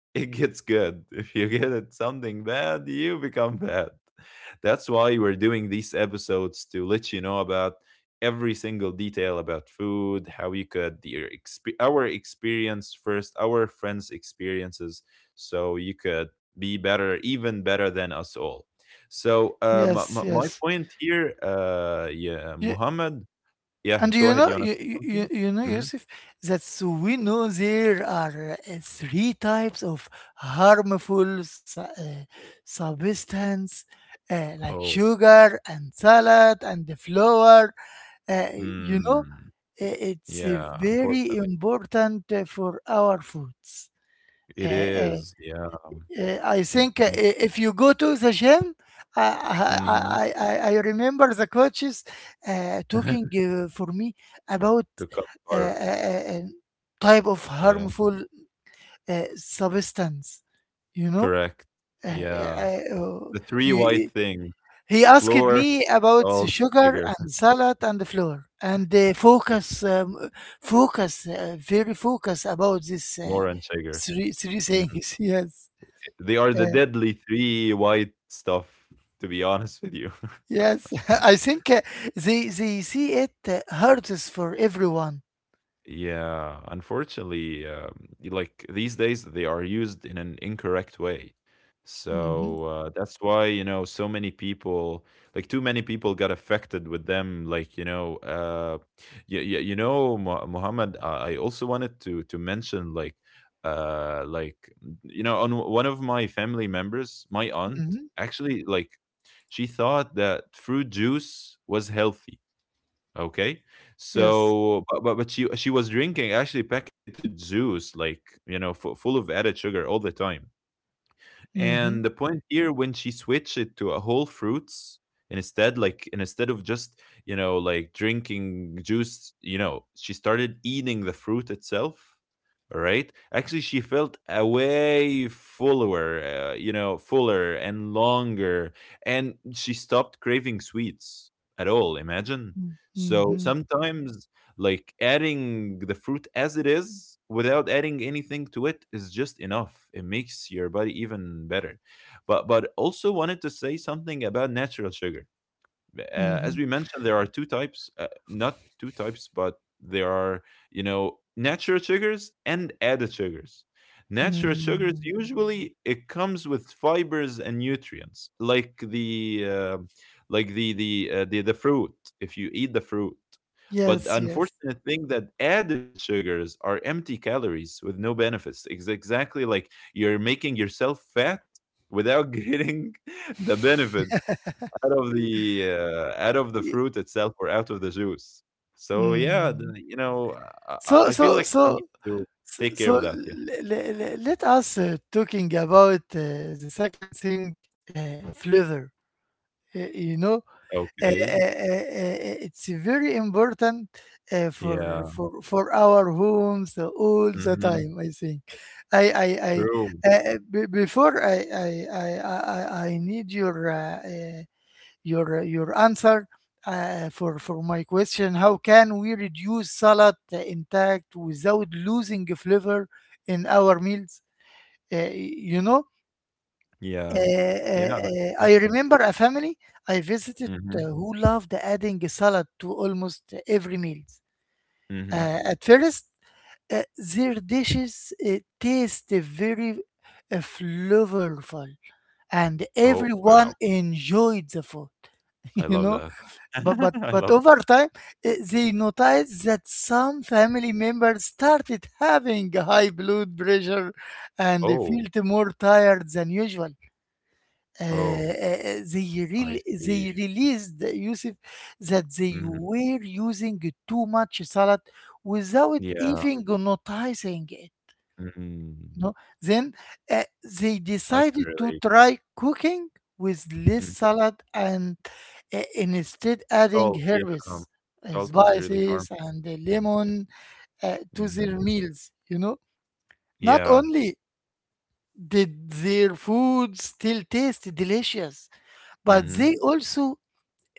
[SPEAKER 2] it gets good. If you get it something bad, you become bad. That's why we're doing these episodes to let you know about every single detail about food, how you could our experience first, our friends' experiences, so you could be better, even better than us all. My,
[SPEAKER 1] Yes,
[SPEAKER 2] my my
[SPEAKER 1] yes.
[SPEAKER 2] point here, yeah, Mohammed, yeah,
[SPEAKER 1] And
[SPEAKER 2] go
[SPEAKER 1] you
[SPEAKER 2] ahead.
[SPEAKER 1] know,
[SPEAKER 2] You wanna
[SPEAKER 1] you,
[SPEAKER 2] say
[SPEAKER 1] you,
[SPEAKER 2] something?
[SPEAKER 1] you you know,
[SPEAKER 2] Hmm.
[SPEAKER 1] Yusuf, that so we know there are three types of harmful substance, like
[SPEAKER 2] Oh.
[SPEAKER 1] sugar and salad and the flour. Uh, you know, uh,
[SPEAKER 2] Hmm.
[SPEAKER 1] it's
[SPEAKER 2] Yeah,
[SPEAKER 1] very
[SPEAKER 2] unfortunately.
[SPEAKER 1] important for our foods.
[SPEAKER 2] It
[SPEAKER 1] Uh, uh,
[SPEAKER 2] is, yeah,
[SPEAKER 1] I think
[SPEAKER 2] exactly.
[SPEAKER 1] if you go to the gym, I
[SPEAKER 2] Mhm.
[SPEAKER 1] I I, I remember the coaches talking for me about
[SPEAKER 2] To cut
[SPEAKER 1] uh,
[SPEAKER 2] carb,
[SPEAKER 1] uh, uh, type of
[SPEAKER 2] yeah,
[SPEAKER 1] harmful substance. You know.
[SPEAKER 2] correct.
[SPEAKER 1] Uh,
[SPEAKER 2] Yeah,
[SPEAKER 1] uh, uh,
[SPEAKER 2] the 3
[SPEAKER 1] you,
[SPEAKER 2] white things,
[SPEAKER 1] he asked
[SPEAKER 2] flour,
[SPEAKER 1] me about the
[SPEAKER 2] salt,
[SPEAKER 1] sugar
[SPEAKER 2] sugar,
[SPEAKER 1] and salad and the flour and focus, focus, very focus about this,
[SPEAKER 2] more and sugar.
[SPEAKER 1] three
[SPEAKER 2] Mm,
[SPEAKER 1] things. Yes.
[SPEAKER 2] they are the
[SPEAKER 1] Uh,
[SPEAKER 2] deadly 3 white stuff, to be honest with you.
[SPEAKER 1] Yes, I think they see it hurts for everyone.
[SPEAKER 2] Yeah, unfortunately, like these days, they are used in an incorrect way.
[SPEAKER 1] Mm-hmm.
[SPEAKER 2] That's why, you know, so many people, like too many people got affected with them. Like, you know, you, you know, Muhammad, I also wanted to mention like, you know, on one of my family members, my aunt,
[SPEAKER 1] Mm-hmm.
[SPEAKER 2] actually, like, she thought that fruit juice was healthy. Okay.
[SPEAKER 1] Yes.
[SPEAKER 2] But she was drinking actually packaged juice, like you know, fu full of added sugar all the time.
[SPEAKER 1] Mm-hmm.
[SPEAKER 2] And the point here when she switched it to a whole fruits instead, like and instead of just, you know, like drinking juice, you know, she started eating the fruit itself. All right. Actually, she felt a way fuller, you know, fuller and longer, and she stopped craving sweets at all. Imagine. So
[SPEAKER 1] Mm-hmm.
[SPEAKER 2] sometimes like adding the fruit as it is without adding anything to it is just enough. It makes your body even better, but also wanted to say something about natural sugar. Uh,
[SPEAKER 1] Mm-hmm.
[SPEAKER 2] as we mentioned, there are two types, not two types, but there are, you know, natural sugars and added sugars. Natural sugars
[SPEAKER 1] Mm-hmm.
[SPEAKER 2] usually it comes with fibers and nutrients, like the like the the fruit. If you eat the fruit, but the
[SPEAKER 1] Yes. Yes.
[SPEAKER 2] unfortunate thing that added sugars are empty calories with no benefits. It's exactly like you're making yourself fat without getting the benefit out of the
[SPEAKER 1] Ye-
[SPEAKER 2] fruit itself or out of the juice. So yeah,
[SPEAKER 1] Mm.
[SPEAKER 2] you know, I, I
[SPEAKER 1] So
[SPEAKER 2] I feel
[SPEAKER 1] so
[SPEAKER 2] like we need
[SPEAKER 1] so
[SPEAKER 2] to
[SPEAKER 1] so
[SPEAKER 2] take care
[SPEAKER 1] so
[SPEAKER 2] of that. Yeah.
[SPEAKER 1] Let us talking about the second thing, flavor. Uh, you know, uh,
[SPEAKER 2] Okay.
[SPEAKER 1] uh, uh, uh, it's very important for
[SPEAKER 2] Yeah.
[SPEAKER 1] our homes all the
[SPEAKER 2] Hmm.
[SPEAKER 1] time. I think. I I, I
[SPEAKER 2] True.
[SPEAKER 1] uh, uh, Before I need your answer for my question. How can we reduce salad, intact without losing flavor in our meals? Uh, you know
[SPEAKER 2] Yeah. Yeah.
[SPEAKER 1] I
[SPEAKER 2] Exactly.
[SPEAKER 1] remember a family I visited,
[SPEAKER 2] Hmm.
[SPEAKER 1] who loved adding salad to almost every meal.
[SPEAKER 2] Hmm.
[SPEAKER 1] At first, their dishes taste very flavorful, and
[SPEAKER 2] Oh
[SPEAKER 1] everyone
[SPEAKER 2] wow!
[SPEAKER 1] enjoyed the food.
[SPEAKER 2] I
[SPEAKER 1] You
[SPEAKER 2] love
[SPEAKER 1] know,
[SPEAKER 2] that.
[SPEAKER 1] but but
[SPEAKER 2] I
[SPEAKER 1] but
[SPEAKER 2] love.
[SPEAKER 1] over time, they noticed that some family members started having high blood pressure and they
[SPEAKER 2] Oh.
[SPEAKER 1] felt more tired than usual. uh,
[SPEAKER 2] Oh.
[SPEAKER 1] uh, they real
[SPEAKER 2] I
[SPEAKER 1] they
[SPEAKER 2] see.
[SPEAKER 1] released, Yusuf, that they
[SPEAKER 2] Hmm.
[SPEAKER 1] were using too much salad without
[SPEAKER 2] Yeah.
[SPEAKER 1] even noticing it.
[SPEAKER 2] Hmm.
[SPEAKER 1] No, then uh, they
[SPEAKER 2] I can
[SPEAKER 1] decided to
[SPEAKER 2] relate.
[SPEAKER 1] try cooking with less
[SPEAKER 2] Hmm.
[SPEAKER 1] salad and instead adding
[SPEAKER 2] Salt. Yeah.
[SPEAKER 1] herbs,
[SPEAKER 2] Salt is really
[SPEAKER 1] spices,
[SPEAKER 2] harmful.
[SPEAKER 1] and
[SPEAKER 2] Sometimes. Yeah.
[SPEAKER 1] lemon to their
[SPEAKER 2] Hmm.
[SPEAKER 1] meals. You know, not
[SPEAKER 2] Yeah.
[SPEAKER 1] only did their food still taste delicious, but they
[SPEAKER 2] Hmm.
[SPEAKER 1] also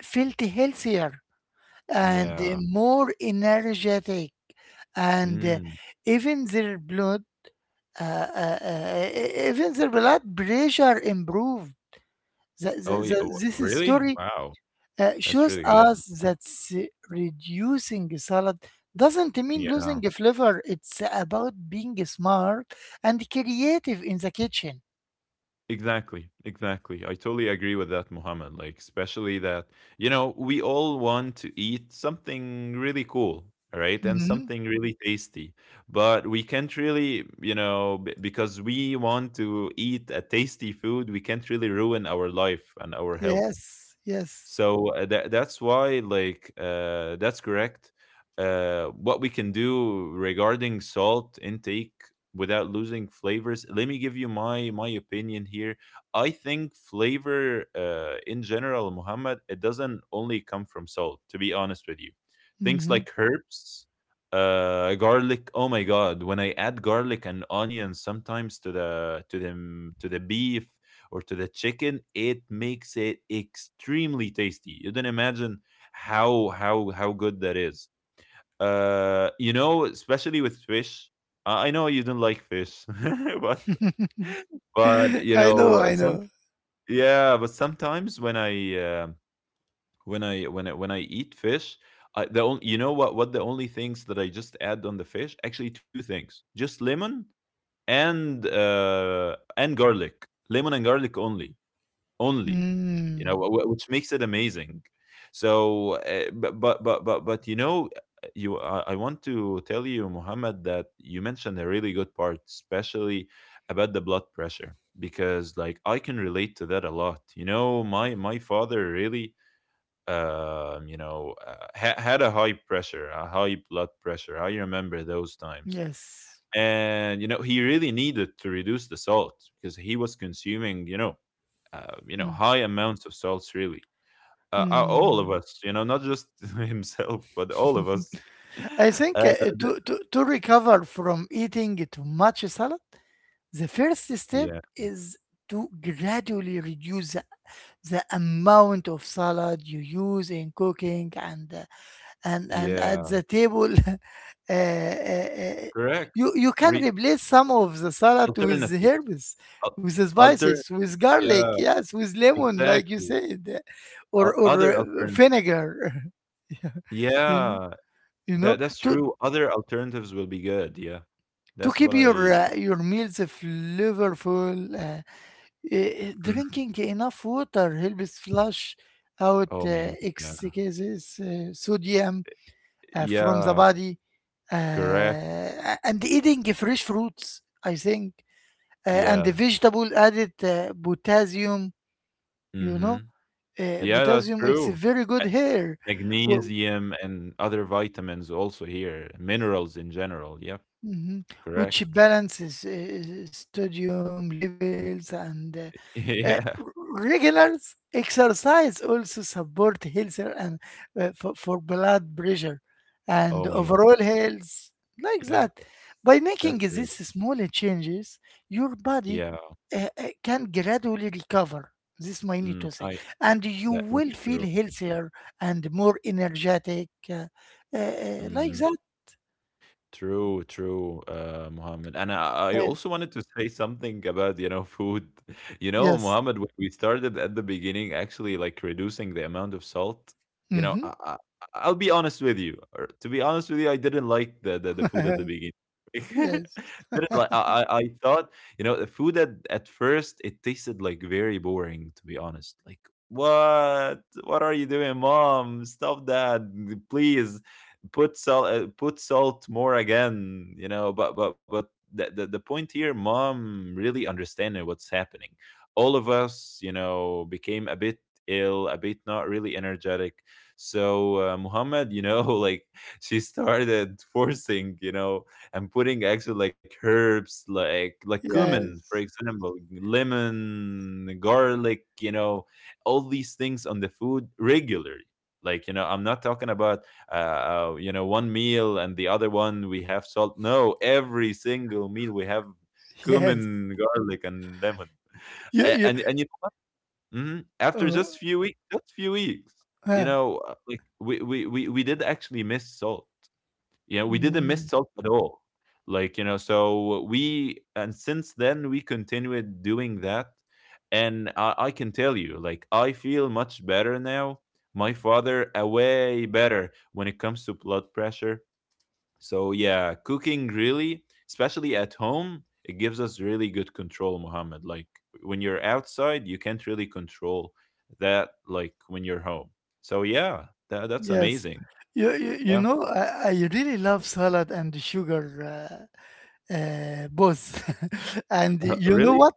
[SPEAKER 1] felt healthier and
[SPEAKER 2] Yeah.
[SPEAKER 1] more energetic, and
[SPEAKER 2] Mm.
[SPEAKER 1] even their blood e- e-, even their blood pressure improved. the, the,
[SPEAKER 2] Oh, yeah.
[SPEAKER 1] the-
[SPEAKER 2] Oh,
[SPEAKER 1] this
[SPEAKER 2] really?
[SPEAKER 1] story
[SPEAKER 2] Wow. That's
[SPEAKER 1] shows
[SPEAKER 2] really good.
[SPEAKER 1] us
[SPEAKER 2] Yeah.
[SPEAKER 1] that reducing salad doesn't mean losing
[SPEAKER 2] Yeah.
[SPEAKER 1] the flavor. It's about being smart and creative in the kitchen.
[SPEAKER 2] Exactly. Exactly. I totally agree with that, Muhammad. Like, especially that, you know, we all want to eat something really cool, right? And
[SPEAKER 1] Mhm.
[SPEAKER 2] something really tasty. But we can't really, you know, because we want to eat a tasty food, we can't really ruin our life and our health.
[SPEAKER 1] Yes, yes.
[SPEAKER 2] So that's why, like, that's correct. What we can do regarding salt intake without losing flavors. Let me give you my opinion here. I think flavor, in general, Muhammad, it doesn't only come from salt. To be honest with you, things
[SPEAKER 1] Mhm.
[SPEAKER 2] like herbs, garlic. Oh my God, when I add garlic and onions sometimes to the to the beef or to the chicken, it makes it extremely tasty. You don't imagine how good that is. You know, especially with fish. I know you don't like fish, but but you
[SPEAKER 1] I know,
[SPEAKER 2] know
[SPEAKER 1] I
[SPEAKER 2] some
[SPEAKER 1] know.
[SPEAKER 2] yeah. But sometimes when I when when I eat fish, the only you know what the only things that I just add on the fish actually two things: just lemon and garlic. Lemon and garlic only only, you know,
[SPEAKER 1] Mm.
[SPEAKER 2] wh wh which makes it amazing. So, but but, you know, you I want to tell you, Mohammed, that you mentioned a really good part, especially about the blood pressure, because like I can relate to that a lot. You know, my father really, you know, ha had a high pressure, a high blood pressure. I remember those times.
[SPEAKER 1] Yes.
[SPEAKER 2] And, you know, he really needed to reduce the salt because he was consuming, you know,
[SPEAKER 1] Mm.
[SPEAKER 2] high amounts of salts, really. All of
[SPEAKER 1] Mm.
[SPEAKER 2] us, you know, not just himself, but all of us.
[SPEAKER 1] I
[SPEAKER 2] Uh,
[SPEAKER 1] think,
[SPEAKER 2] th-
[SPEAKER 1] to recover from eating too much salad, the first
[SPEAKER 2] yeah,
[SPEAKER 1] step is to gradually reduce the amount of salad you use in cooking and at
[SPEAKER 2] yeah,
[SPEAKER 1] the table. uh, uh, uh,
[SPEAKER 2] correct.
[SPEAKER 1] you can
[SPEAKER 2] Re-
[SPEAKER 1] replace some of the salad with the
[SPEAKER 2] alternatives,
[SPEAKER 1] herbs,
[SPEAKER 2] Al-
[SPEAKER 1] with the spices,
[SPEAKER 2] alternatives.
[SPEAKER 1] with garlic,
[SPEAKER 2] Yeah,
[SPEAKER 1] yes, with lemon, like you
[SPEAKER 2] exactly.
[SPEAKER 1] said, or or
[SPEAKER 2] Other alternatives.
[SPEAKER 1] vinegar. Yeah, you, kn-
[SPEAKER 2] Yeah,
[SPEAKER 1] you
[SPEAKER 2] that
[SPEAKER 1] know
[SPEAKER 2] that's
[SPEAKER 1] to
[SPEAKER 2] true. Other alternatives will be good. Yeah,
[SPEAKER 1] to
[SPEAKER 2] that's
[SPEAKER 1] keep
[SPEAKER 2] what I.
[SPEAKER 1] your meals flavorful. Uh,
[SPEAKER 2] Mhm.
[SPEAKER 1] drinking enough water helps flush out
[SPEAKER 2] Oh my god. Yeah.
[SPEAKER 1] excess sodium from the
[SPEAKER 2] Yeah.
[SPEAKER 1] body,
[SPEAKER 2] Correct.
[SPEAKER 1] and eating fresh fruits, I think, and
[SPEAKER 2] Yeah.
[SPEAKER 1] the vegetable added potassium. You know,
[SPEAKER 2] Mm-hmm. Yeah, that's
[SPEAKER 1] potassium, it's a
[SPEAKER 2] true.
[SPEAKER 1] very good hair, Wh-
[SPEAKER 2] Magnesium and other vitamins also here, minerals in general. Yeah,
[SPEAKER 1] mhm, which
[SPEAKER 2] correct.
[SPEAKER 1] balances sodium levels, and Uh,
[SPEAKER 2] Yeah.
[SPEAKER 1] regular exercise also support health and for, blood pressure and
[SPEAKER 2] Oh my God,
[SPEAKER 1] overall
[SPEAKER 2] that's
[SPEAKER 1] health, like
[SPEAKER 2] yeah,
[SPEAKER 1] that. By
[SPEAKER 2] that's
[SPEAKER 1] making
[SPEAKER 2] really
[SPEAKER 1] these small changes your body
[SPEAKER 2] yeah.
[SPEAKER 1] can gradually recover, this I need
[SPEAKER 2] Mm,
[SPEAKER 1] to say,
[SPEAKER 2] I
[SPEAKER 1] and you
[SPEAKER 2] that that's
[SPEAKER 1] will feel
[SPEAKER 2] true.
[SPEAKER 1] healthier and more energetic, like
[SPEAKER 2] Mhm.
[SPEAKER 1] that.
[SPEAKER 2] True, true, Mohammed. And
[SPEAKER 1] Uh,
[SPEAKER 2] I also wanted to say something about, you know, food. You know,
[SPEAKER 1] yes.
[SPEAKER 2] Mohammed, when we started at the beginning, actually, like reducing the amount of salt, you know,
[SPEAKER 1] Hmm.
[SPEAKER 2] I'll be honest with you. Or to be honest with you, I didn't like the food at the beginning.
[SPEAKER 1] Yes,
[SPEAKER 2] Didn't like, I thought, you know, the food at first, it tasted like very boring, to be honest. Like, what? What are you doing, mom? Stop that, please. Put salt, put salt more again, you know, but the point here mom really understanding what's happening, all of us, you know, became a bit ill, a bit not really energetic. So Muhammad, you know, like she started forcing, you know, and putting actually like herbs, like cumin, for
[SPEAKER 1] yes,
[SPEAKER 2] example, lemon, garlic, you know, all these things on the food regularly. Like, you know, I'm not talking about you know, one meal and the other one we have salt. No, every single meal we have
[SPEAKER 1] yes.
[SPEAKER 2] cumin, garlic and lemon.
[SPEAKER 1] you, you,
[SPEAKER 2] And and you. Mhm, after
[SPEAKER 1] oh,
[SPEAKER 2] just few weeks, just few weeks, you
[SPEAKER 1] huh.
[SPEAKER 2] know, like we did actually miss salt. Yeah, we didn't miss
[SPEAKER 1] Mm,
[SPEAKER 2] salt at all. Like, you know, so we, and since then we continued doing that. And I can tell you like I feel much better now. My father, way better when it comes to blood pressure. So yeah, cooking really, especially at home, it gives us really good control, Mohammed. Like when you're outside, you can't really control that like when you're home. So yeah, that's
[SPEAKER 1] yes.
[SPEAKER 2] amazing.
[SPEAKER 1] You
[SPEAKER 2] Yeah.
[SPEAKER 1] know, I really love salad and sugar, both. And you
[SPEAKER 2] Really?
[SPEAKER 1] know what?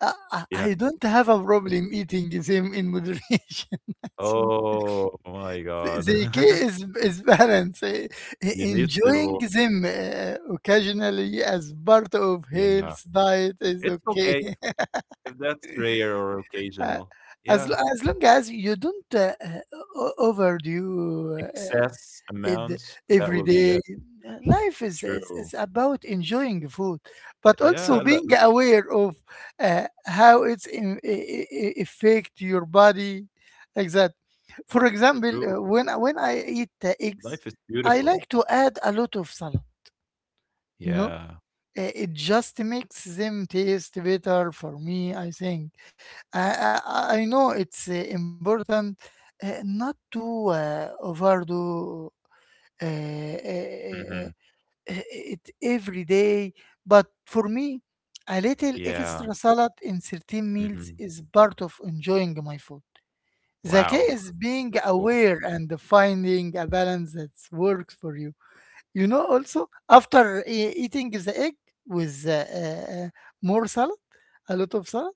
[SPEAKER 1] I, I
[SPEAKER 2] Yeah.
[SPEAKER 1] I don't have a problem eating them in moderation. I think
[SPEAKER 2] Oh my
[SPEAKER 1] The
[SPEAKER 2] God.
[SPEAKER 1] the key is, is balance,
[SPEAKER 2] You need
[SPEAKER 1] enjoying
[SPEAKER 2] to,
[SPEAKER 1] them occasionally as part of
[SPEAKER 2] yeah.
[SPEAKER 1] health diet is
[SPEAKER 2] It's
[SPEAKER 1] okay.
[SPEAKER 2] okay if that's rare or
[SPEAKER 1] Uh,
[SPEAKER 2] occasional. Yeah.
[SPEAKER 1] as long as you don't overdo
[SPEAKER 2] Excess
[SPEAKER 1] it
[SPEAKER 2] amounts, that
[SPEAKER 1] every
[SPEAKER 2] will be
[SPEAKER 1] day.
[SPEAKER 2] good.
[SPEAKER 1] Life is, is,
[SPEAKER 2] True.
[SPEAKER 1] is about enjoying food, but
[SPEAKER 2] Yeah,
[SPEAKER 1] also being aware of how it's in, I- affect your body, like that. For example,
[SPEAKER 2] true.
[SPEAKER 1] when I eat eggs,
[SPEAKER 2] Life is
[SPEAKER 1] I
[SPEAKER 2] beautiful.
[SPEAKER 1] like to add a lot of salad. You know.
[SPEAKER 2] Yeah.
[SPEAKER 1] It just makes them taste better for me. I think. I I know it's important not to uh, overdo uh, uh, uh,
[SPEAKER 2] Mhm.
[SPEAKER 1] it every day. But for me, a little
[SPEAKER 2] Yeah.
[SPEAKER 1] extra salad in certain meals
[SPEAKER 2] Mhm.
[SPEAKER 1] is part of enjoying my food. The key
[SPEAKER 2] Wow.
[SPEAKER 1] is being
[SPEAKER 2] Cool.
[SPEAKER 1] aware and finding a balance that works for you. You know, also, after eating the egg with more salad, a lot of salad,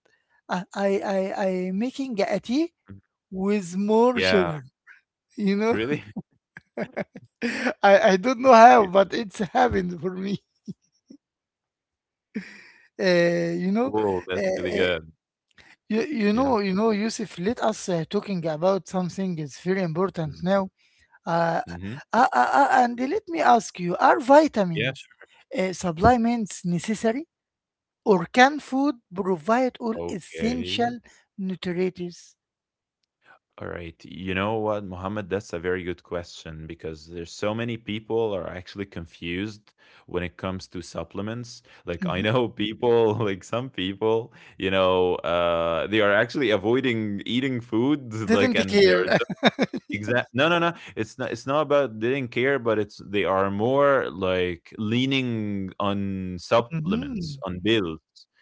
[SPEAKER 1] I making a tea
[SPEAKER 2] Mm.
[SPEAKER 1] with more
[SPEAKER 2] Yeah.
[SPEAKER 1] sugar. You know.
[SPEAKER 2] Really?
[SPEAKER 1] I don't know how,
[SPEAKER 2] Yeah.
[SPEAKER 1] but it's happened for me. Uh, you know,
[SPEAKER 2] Cool. That's
[SPEAKER 1] uh,
[SPEAKER 2] really
[SPEAKER 1] uh,
[SPEAKER 2] good. Yeah.
[SPEAKER 1] you know, Yusuf. Let us talking about something is very important
[SPEAKER 2] Mhm.
[SPEAKER 1] now. Uh,
[SPEAKER 2] Mhm.
[SPEAKER 1] and let me ask you: Are
[SPEAKER 2] Yeah, sh
[SPEAKER 1] vitamins supplements necessary, or can food provide all
[SPEAKER 2] okay.
[SPEAKER 1] essential nutrients?
[SPEAKER 2] Alright. You know what, Mohammed? That's a very good question because there's so many people are actually confused when it comes to supplements. Like, I
[SPEAKER 1] Mhm.
[SPEAKER 2] know people, like some people, you know, they are actually avoiding eating food, like,
[SPEAKER 1] Didn't
[SPEAKER 2] and they're
[SPEAKER 1] care.
[SPEAKER 2] exact. No, no, no. It's not. It's not about they didn't care, but it's they are more like leaning on supplements,
[SPEAKER 1] Mhm.
[SPEAKER 2] on pills,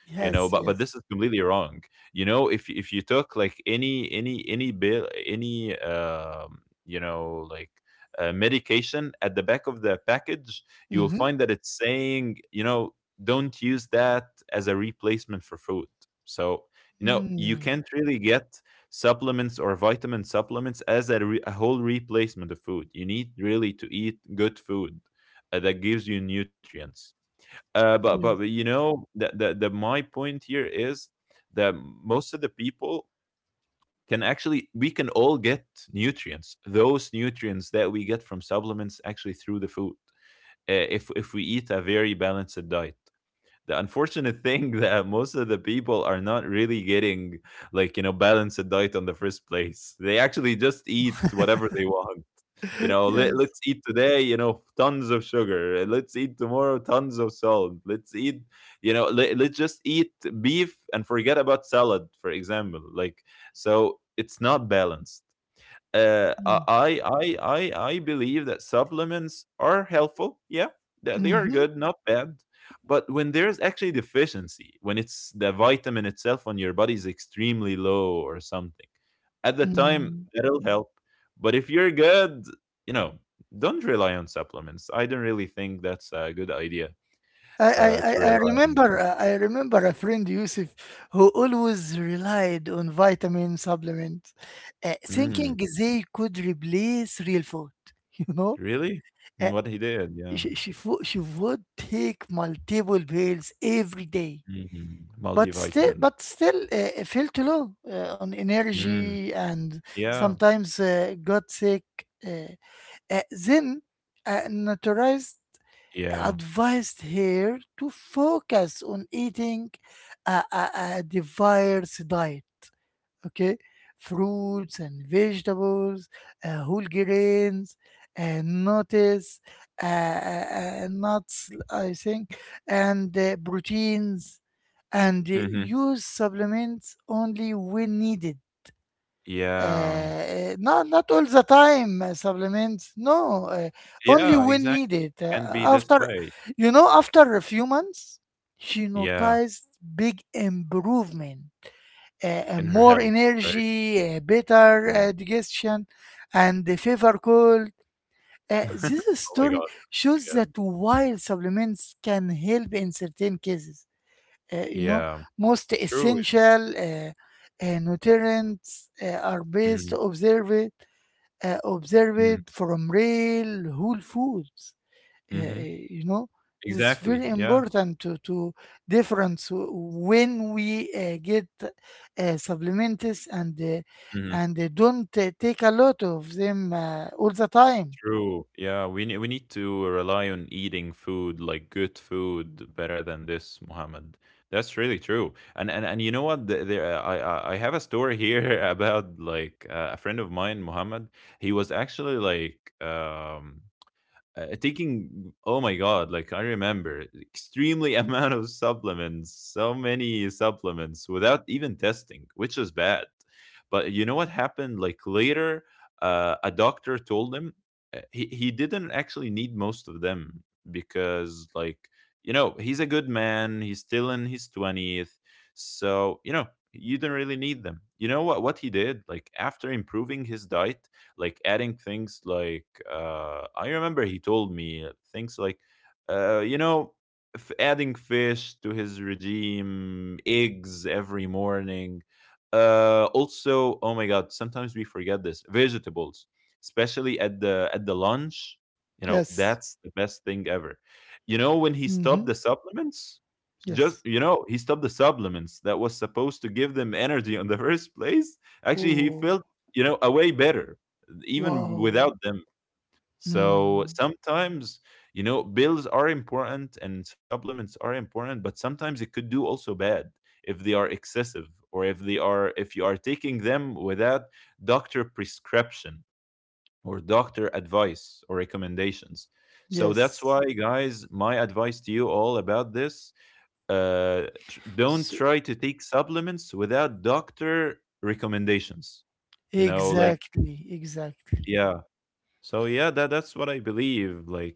[SPEAKER 2] you know.
[SPEAKER 1] Yes,
[SPEAKER 2] But this is
[SPEAKER 1] yes.
[SPEAKER 2] completely wrong. You know, if you took like any bill, any you know like medication at the back of the package, you'll
[SPEAKER 1] Mm-hmm.
[SPEAKER 2] find that it's saying, you know, don't use that as a replacement for food. So you know you
[SPEAKER 1] Mm,
[SPEAKER 2] can't really get supplements or vitamin supplements as a, a whole replacement of food. You need really to eat good food that gives you nutrients. Uh, but,
[SPEAKER 1] yes,
[SPEAKER 2] but but, you know the my point here is that most of the people can actually, we can all get nutrients. Those nutrients that we get from supplements actually through the food. If we eat a very balanced diet, the unfortunate thing that most of the people are not really getting like, you know, balanced diet on the first place. They actually just eat whatever they want. You know,
[SPEAKER 1] yes,
[SPEAKER 2] let's eat today, you know, tons of sugar. Let's eat tomorrow tons of salt. Let's eat, you know, let's just eat beef and forget about salad, for example, like, so it's not balanced. Uh,
[SPEAKER 1] yes.
[SPEAKER 2] I believe that supplements are helpful. Yeah, they are
[SPEAKER 1] Mm-hmm.
[SPEAKER 2] good, not bad. But when there's actually deficiency, when it's the vitamin itself on your body is extremely low or something, at the time
[SPEAKER 1] Mm.
[SPEAKER 2] that'll help. But if you're good, you know, don't rely on supplements. I don't really think that's a good idea
[SPEAKER 1] I, I,
[SPEAKER 2] to
[SPEAKER 1] I I
[SPEAKER 2] rely on.
[SPEAKER 1] remember I remember a friend, Yusuf, who always relied on vitamin supplements,
[SPEAKER 2] Mm,
[SPEAKER 1] thinking they could replace real food. You know,
[SPEAKER 2] really? Mm,
[SPEAKER 1] uh,
[SPEAKER 2] what he did? Yeah.
[SPEAKER 1] she would take multiple pills every day,
[SPEAKER 2] Mhm.
[SPEAKER 1] but still
[SPEAKER 2] Multivitamin.
[SPEAKER 1] felt low on
[SPEAKER 2] Mm,
[SPEAKER 1] energy and
[SPEAKER 2] yeah.
[SPEAKER 1] sometimes got sick. Uh, then naturalized
[SPEAKER 2] Yeah.
[SPEAKER 1] advised her to focus on eating a, a, a diverse diet, okay? Fruits and vegetables, whole grains, and notice, nuts, I think, and proteins, and
[SPEAKER 2] Hmm.
[SPEAKER 1] use supplements only when needed,
[SPEAKER 2] Yeah.
[SPEAKER 1] not not all the time, supplements, no, only
[SPEAKER 2] Yeah,
[SPEAKER 1] when
[SPEAKER 2] exactly,
[SPEAKER 1] needed,
[SPEAKER 2] can be this
[SPEAKER 1] after,
[SPEAKER 2] way.
[SPEAKER 1] you know, after a few months she
[SPEAKER 2] Yeah,
[SPEAKER 1] noticed big improvement,
[SPEAKER 2] in her
[SPEAKER 1] more
[SPEAKER 2] health, right?
[SPEAKER 1] energy, better
[SPEAKER 2] Mm.
[SPEAKER 1] digestion, and the fever cold. This
[SPEAKER 2] Oh my
[SPEAKER 1] story
[SPEAKER 2] god,
[SPEAKER 1] shows
[SPEAKER 2] yeah.
[SPEAKER 1] that while supplements can help in certain cases, uh, you know
[SPEAKER 2] Yeah,
[SPEAKER 1] most
[SPEAKER 2] true.
[SPEAKER 1] essential nutrients are best
[SPEAKER 2] Mhm,
[SPEAKER 1] observed,
[SPEAKER 2] mhm,
[SPEAKER 1] observed from real whole foods. uh,
[SPEAKER 2] mhm.
[SPEAKER 1] uh, you know this is
[SPEAKER 2] Exactly,
[SPEAKER 1] very
[SPEAKER 2] yeah.
[SPEAKER 1] important to difference when we get supplements, and uh,
[SPEAKER 2] Mhm,
[SPEAKER 1] and they don't take a lot of them all the time.
[SPEAKER 2] true. Yeah, we need. We need to rely on eating food, like good food, better than this, Mohammed. That's really true, and you know what? There I have a story here about, like, a friend of mine, Mohammed. He was actually, like, taking oh my god like I remember extremely amount of supplements, so many supplements without even testing, which is bad. But you know what happened, like later a doctor told him he didn't actually need most of them because like you know he's a good man, he's still in his 20th. So you know, you don't really need them. You know what he did, like after improving his diet, like adding things like I remember he told me things like, uh, you know, adding fish to his regime, eggs every morning. Also, oh my God, sometimes we forget this vegetables, especially at the lunch. You know,
[SPEAKER 1] Yes.
[SPEAKER 2] that's the best thing ever. You know, when he stopped
[SPEAKER 1] Mm-hmm.
[SPEAKER 2] the supplements, just
[SPEAKER 1] Yes.
[SPEAKER 2] you know he stopped the supplements that was supposed to give them energy in the first place, actually he
[SPEAKER 1] Oh,
[SPEAKER 2] felt, you know, a way better even
[SPEAKER 1] wow.
[SPEAKER 2] without them. So
[SPEAKER 1] Mm.
[SPEAKER 2] sometimes, you know, bills are important and supplements are important, but sometimes it could do also bad if they are excessive, or if they are if you are taking them without doctor prescription, or doctor advice or recommendations. So that's
[SPEAKER 1] Yes.
[SPEAKER 2] why, guys, my advice to you all about this: don't try to take supplements without doctor recommendations. You know, like
[SPEAKER 1] Exactly, exactly.
[SPEAKER 2] yeah, so yeah, that's what I believe. Like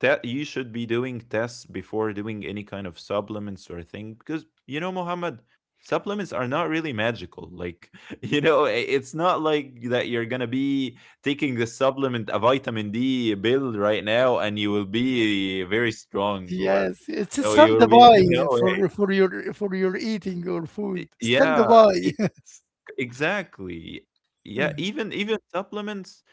[SPEAKER 2] that you should be doing tests before doing any kind of supplements or thing, because you know, Muhammad, supplements are not really magical. Like you know, it's not like that you're gonna be taking the supplement, a vitamin D pill right now, and you will be very strong, or
[SPEAKER 1] Yes, it's a
[SPEAKER 2] you know you will be no
[SPEAKER 1] standby
[SPEAKER 2] way.
[SPEAKER 1] for your eating or food.
[SPEAKER 2] Yeah.
[SPEAKER 1] Standby, yes.
[SPEAKER 2] Exactly. Yeah,
[SPEAKER 1] Mhm.
[SPEAKER 2] even supplements,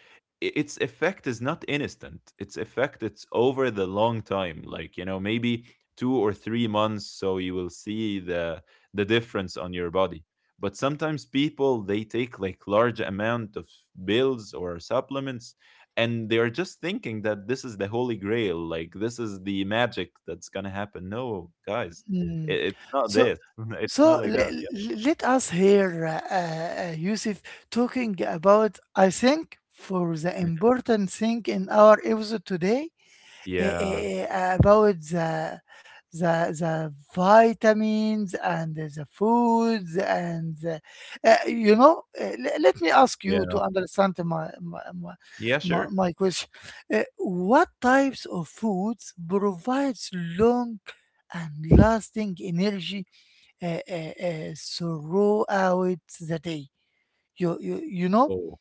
[SPEAKER 2] its effect is not instant. Its effect it's over the long time, like you know, maybe 2 or 3 months, so you will see the difference on your body. But sometimes people they take like large amount of pills or supplements, and they are just thinking that this is the holy grail, like this is the magic that's gonna happen. No, guys,
[SPEAKER 1] Mm.
[SPEAKER 2] it's not
[SPEAKER 1] So,
[SPEAKER 2] this. It's not
[SPEAKER 1] so
[SPEAKER 2] like that.
[SPEAKER 1] le-
[SPEAKER 2] Yeah.
[SPEAKER 1] Let us hear Yusuf talking about, I think, for the
[SPEAKER 2] Mhm.
[SPEAKER 1] important thing in our episode today,
[SPEAKER 2] Yeah.
[SPEAKER 1] about the vitamins and the foods and the, let me ask you to
[SPEAKER 2] Yeah.
[SPEAKER 1] understand my my, my,
[SPEAKER 2] Yeah,
[SPEAKER 1] my
[SPEAKER 2] sure.
[SPEAKER 1] my question. What types of foods provides long and lasting energy throughout the day? you, you you know
[SPEAKER 2] Oh,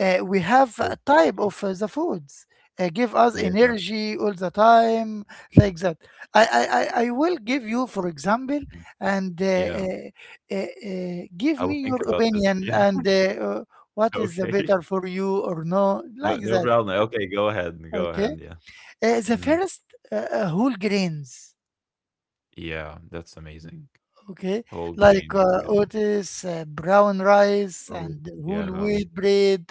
[SPEAKER 1] we have a type
[SPEAKER 2] okay.
[SPEAKER 1] of the foods give us
[SPEAKER 2] Yeah,
[SPEAKER 1] energy all the time, like that. I will give you for example,
[SPEAKER 2] mhm,
[SPEAKER 1] and
[SPEAKER 2] yeah.
[SPEAKER 1] uh, uh,
[SPEAKER 2] I
[SPEAKER 1] give
[SPEAKER 2] will
[SPEAKER 1] me
[SPEAKER 2] think
[SPEAKER 1] your
[SPEAKER 2] about this.
[SPEAKER 1] opinion,
[SPEAKER 2] Yeah,
[SPEAKER 1] and uh, what is the
[SPEAKER 2] okay.
[SPEAKER 1] better for you or no,
[SPEAKER 2] No,
[SPEAKER 1] like
[SPEAKER 2] no
[SPEAKER 1] that.
[SPEAKER 2] problem. Okay, go
[SPEAKER 1] Okay,
[SPEAKER 2] ahead, yeah.
[SPEAKER 1] the
[SPEAKER 2] Mhm.
[SPEAKER 1] first, whole grains.
[SPEAKER 2] Yeah, that's amazing.
[SPEAKER 1] Okay,
[SPEAKER 2] Whole
[SPEAKER 1] like
[SPEAKER 2] grain is good.
[SPEAKER 1] Otis, brown rice,
[SPEAKER 2] Oh,
[SPEAKER 1] and whole
[SPEAKER 2] yeah,
[SPEAKER 1] wheat bread.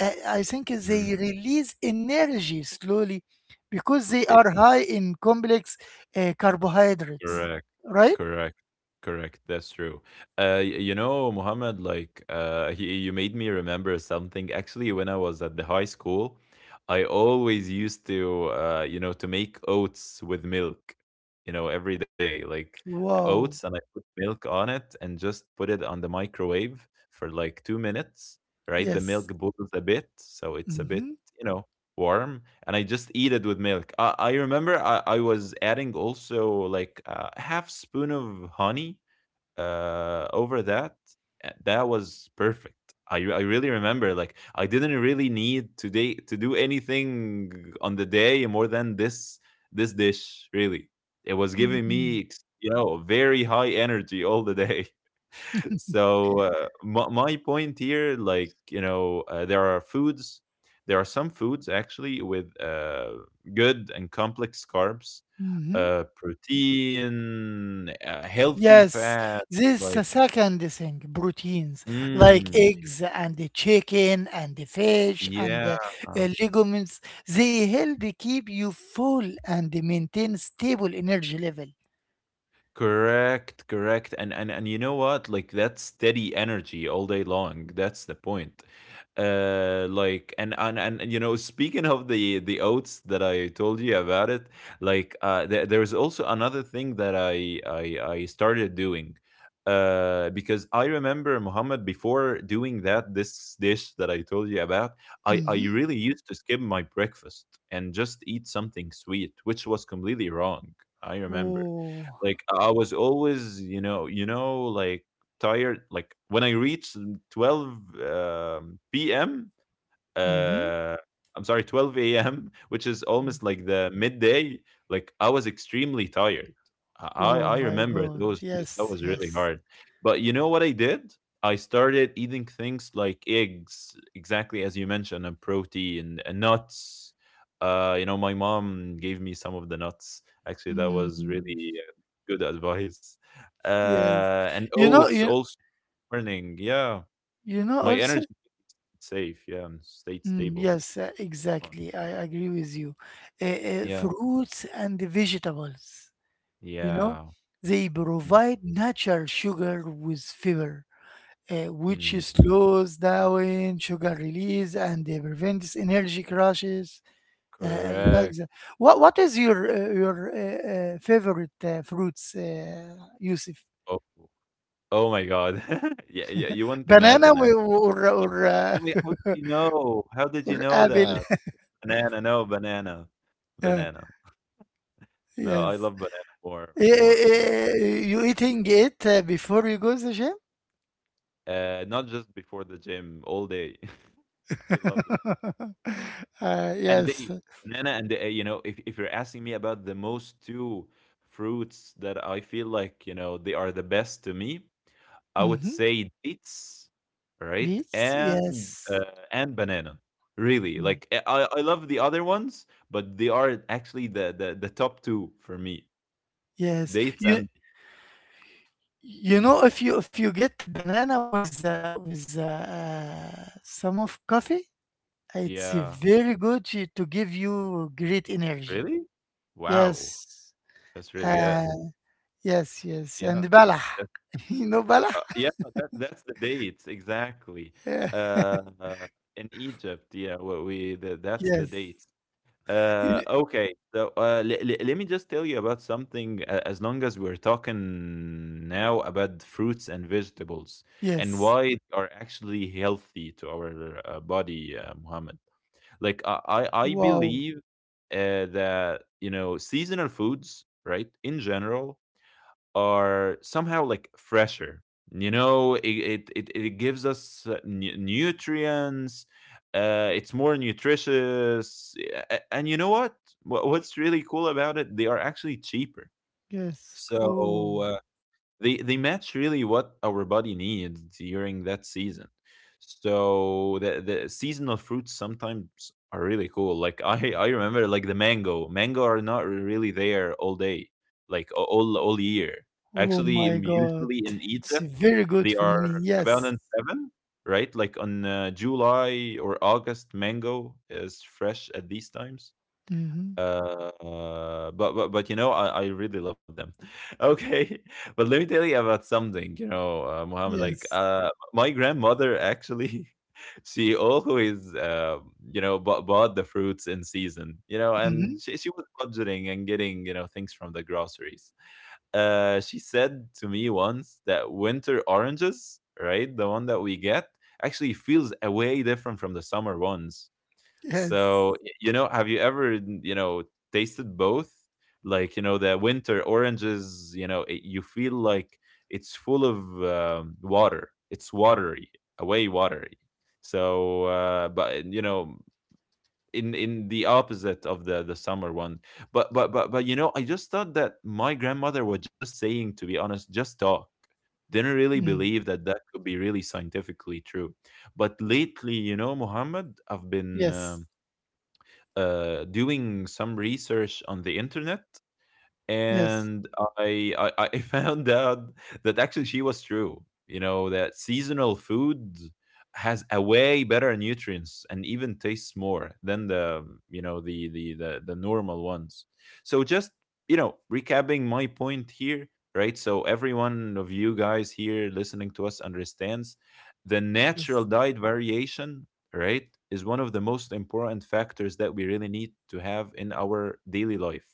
[SPEAKER 1] I think
[SPEAKER 2] mhm.
[SPEAKER 1] they release energy slowly because they
[SPEAKER 2] R.
[SPEAKER 1] are high in complex carbohydrates,
[SPEAKER 2] Correct.
[SPEAKER 1] right?
[SPEAKER 2] Correct. Correct. That's true. You know, Mohammed, like, you made me remember something. Actually, when I was at the high school, I always used to, you know, to make oats with milk, you know, every day, like oats,
[SPEAKER 1] Wow.
[SPEAKER 2] and I put milk on it and just put it on the microwave for like 2 minutes, right? The
[SPEAKER 1] Yes.
[SPEAKER 2] milk boils a bit, so it's a
[SPEAKER 1] Mm-hmm.
[SPEAKER 2] bit, you know, warm, and I just eat it with milk. I remember I was adding also like a half spoon of honey over that. That was perfect. I really remember like I didn't really need today to do anything on the day more than this this dish really. It was giving
[SPEAKER 1] Mm-hmm.
[SPEAKER 2] me you know very high energy all the day. So my point here, like you know, there are foods. There are some foods actually with good and complex carbs,
[SPEAKER 1] Mm-hmm.
[SPEAKER 2] protein, healthy
[SPEAKER 1] Yes,
[SPEAKER 2] fat.
[SPEAKER 1] this is the
[SPEAKER 2] Like,
[SPEAKER 1] second thing, proteins like
[SPEAKER 2] mm,
[SPEAKER 1] eggs and the chicken and the fish and
[SPEAKER 2] yeah.
[SPEAKER 1] the legumes. They help keep you full and maintain stable energy level.
[SPEAKER 2] Correct, correct. And you know what? Like that's steady energy all day long. That's the point. Like you know, speaking of the oats that I told you about it, like there's also another thing that I started doing. Uh, because I remember Muhammad before doing that this dish that I told you about, I
[SPEAKER 1] Hmm.
[SPEAKER 2] really used to skip my breakfast and just eat something sweet, which was completely wrong. I remember.
[SPEAKER 1] Oh.
[SPEAKER 2] Like I was always, you know, like tired. Like when I reached 12 p.m
[SPEAKER 1] Hmm.
[SPEAKER 2] uh, I'm sorry, 12 a.m., which is almost like the midday. Like I was extremely tired. I I
[SPEAKER 1] Oh
[SPEAKER 2] I
[SPEAKER 1] my
[SPEAKER 2] remember
[SPEAKER 1] God.
[SPEAKER 2] those days. That
[SPEAKER 1] Yes,
[SPEAKER 2] was really
[SPEAKER 1] yes.
[SPEAKER 2] hard. But you know what I did? I started eating things like eggs, exactly as you mentioned, and protein and nuts. You know, my mom gave me some of the nuts. Actually, that
[SPEAKER 1] Mm,
[SPEAKER 2] was really good advice.
[SPEAKER 1] yes.
[SPEAKER 2] And
[SPEAKER 1] You know,
[SPEAKER 2] oats
[SPEAKER 1] you
[SPEAKER 2] also morning. Yeah,
[SPEAKER 1] you know
[SPEAKER 2] my
[SPEAKER 1] also?
[SPEAKER 2] energy stayed safe. Yeah, and stayed
[SPEAKER 1] Mm,
[SPEAKER 2] stable.
[SPEAKER 1] yes,
[SPEAKER 2] Mm.
[SPEAKER 1] exactly. I agree with you. Uh,
[SPEAKER 2] Yeah,
[SPEAKER 1] Fruits and the vegetables. You know,
[SPEAKER 2] yeah.
[SPEAKER 1] they provide natural sugar with fiber, which
[SPEAKER 2] Mhm.
[SPEAKER 1] slows down sugar release and prevents energy crashes, like
[SPEAKER 2] Correct.
[SPEAKER 1] that. What is your favorite fruits, Yusuf?
[SPEAKER 2] Oh, oh my God. Yeah, yeah, you wouldn't
[SPEAKER 1] Banana
[SPEAKER 2] imagine
[SPEAKER 1] or
[SPEAKER 2] actually.
[SPEAKER 1] or or,
[SPEAKER 2] I mean, how did you know? How did you
[SPEAKER 1] or
[SPEAKER 2] know
[SPEAKER 1] apple?
[SPEAKER 2] that? Banana, no, banana.
[SPEAKER 1] Uh,
[SPEAKER 2] Banana. No, I
[SPEAKER 1] yes.
[SPEAKER 2] love banana more, more, more.
[SPEAKER 1] You eating it before you go to the gym?
[SPEAKER 2] Not just before the gym, all day. I love it. And
[SPEAKER 1] Yes.
[SPEAKER 2] they banana and you know if you're asking me about the most two fruits that I feel like you know they are the best to me, I would
[SPEAKER 1] Mhm.
[SPEAKER 2] say dates, right,
[SPEAKER 1] Beets?
[SPEAKER 2] uh,
[SPEAKER 1] Yes.
[SPEAKER 2] and banana really,
[SPEAKER 1] Mm.
[SPEAKER 2] like I love the other ones, but they are actually the top two for me.
[SPEAKER 1] Yes.
[SPEAKER 2] Dates and mhm.
[SPEAKER 1] If you get the banana with some of coffee, it's
[SPEAKER 2] Yeah,
[SPEAKER 1] very good to give you great energy.
[SPEAKER 2] really, wow,
[SPEAKER 1] Yes.
[SPEAKER 2] that's really
[SPEAKER 1] Uh,
[SPEAKER 2] good.
[SPEAKER 1] yes, yes.
[SPEAKER 2] Yeah.
[SPEAKER 1] And balah. You know balah?
[SPEAKER 2] Yeah, that that's the date exactly.
[SPEAKER 1] Yeah.
[SPEAKER 2] Uh, in Egypt, yeah, that's the
[SPEAKER 1] Yes.
[SPEAKER 2] date.
[SPEAKER 1] You
[SPEAKER 2] Okay, so let me just tell you about something. As long as we're talking now about fruits and vegetables, and
[SPEAKER 1] Yes.
[SPEAKER 2] why they are actually healthy to our body, Muhammad. Like I
[SPEAKER 1] Wow.
[SPEAKER 2] believe that you know seasonal foods, right, in general are somehow like fresher. You know it gives us nutrients, it's more nutritious. And you know what, what's really cool about it, they are actually cheaper.
[SPEAKER 1] Yes.
[SPEAKER 2] So
[SPEAKER 1] Oh.
[SPEAKER 2] they match really what our body needs during that season. So the seasonal fruits sometimes are really cool. Like I remember like the mango. Mango are not really there all day, like all year.
[SPEAKER 1] Oh
[SPEAKER 2] Actually,
[SPEAKER 1] my God.
[SPEAKER 2] usually in
[SPEAKER 1] It's
[SPEAKER 2] Egypt
[SPEAKER 1] very good
[SPEAKER 2] they
[SPEAKER 1] for me.
[SPEAKER 2] are
[SPEAKER 1] Yes.
[SPEAKER 2] abundant seven, right? Like on July or August, mango is fresh at these times
[SPEAKER 1] Mm-hmm.
[SPEAKER 2] but you know, I really love them. Okay, but let me tell you about something. You know, Mohammed, like
[SPEAKER 1] Yes.
[SPEAKER 2] my grandmother actually, she always you know, bought the fruits in season. You know,
[SPEAKER 1] Mm-hmm.
[SPEAKER 2] and she was budgeting and getting you know things from the groceries. She said to me once that winter oranges, right, the one that we get, actually feels a way different from the summer ones.
[SPEAKER 1] Yes.
[SPEAKER 2] So, you know, have you ever, you know, tasted both? Like, you know, the winter oranges, you know, it, you feel like it's full of water. It's watery, away watery. So, but you know, in the opposite of the summer one. But you know, I just thought that my grandmother was just saying, to be honest, just talk. Didn't really
[SPEAKER 1] Mm.
[SPEAKER 2] believe that that could be really scientifically true. But lately, you know, Muhammad, I've been.
[SPEAKER 1] Yes.
[SPEAKER 2] Doing some research on the internet,
[SPEAKER 1] Yes.
[SPEAKER 2] and I found out that actually she was true. You know that seasonal food has a way better nutrients and even tastes more than the you know the normal ones. So just you know recapping my point here, right? So every one of you guys here listening to us understands the
[SPEAKER 1] Yes.
[SPEAKER 2] natural diet variation, right? Is one of the most important factors that we really need to have in our daily life.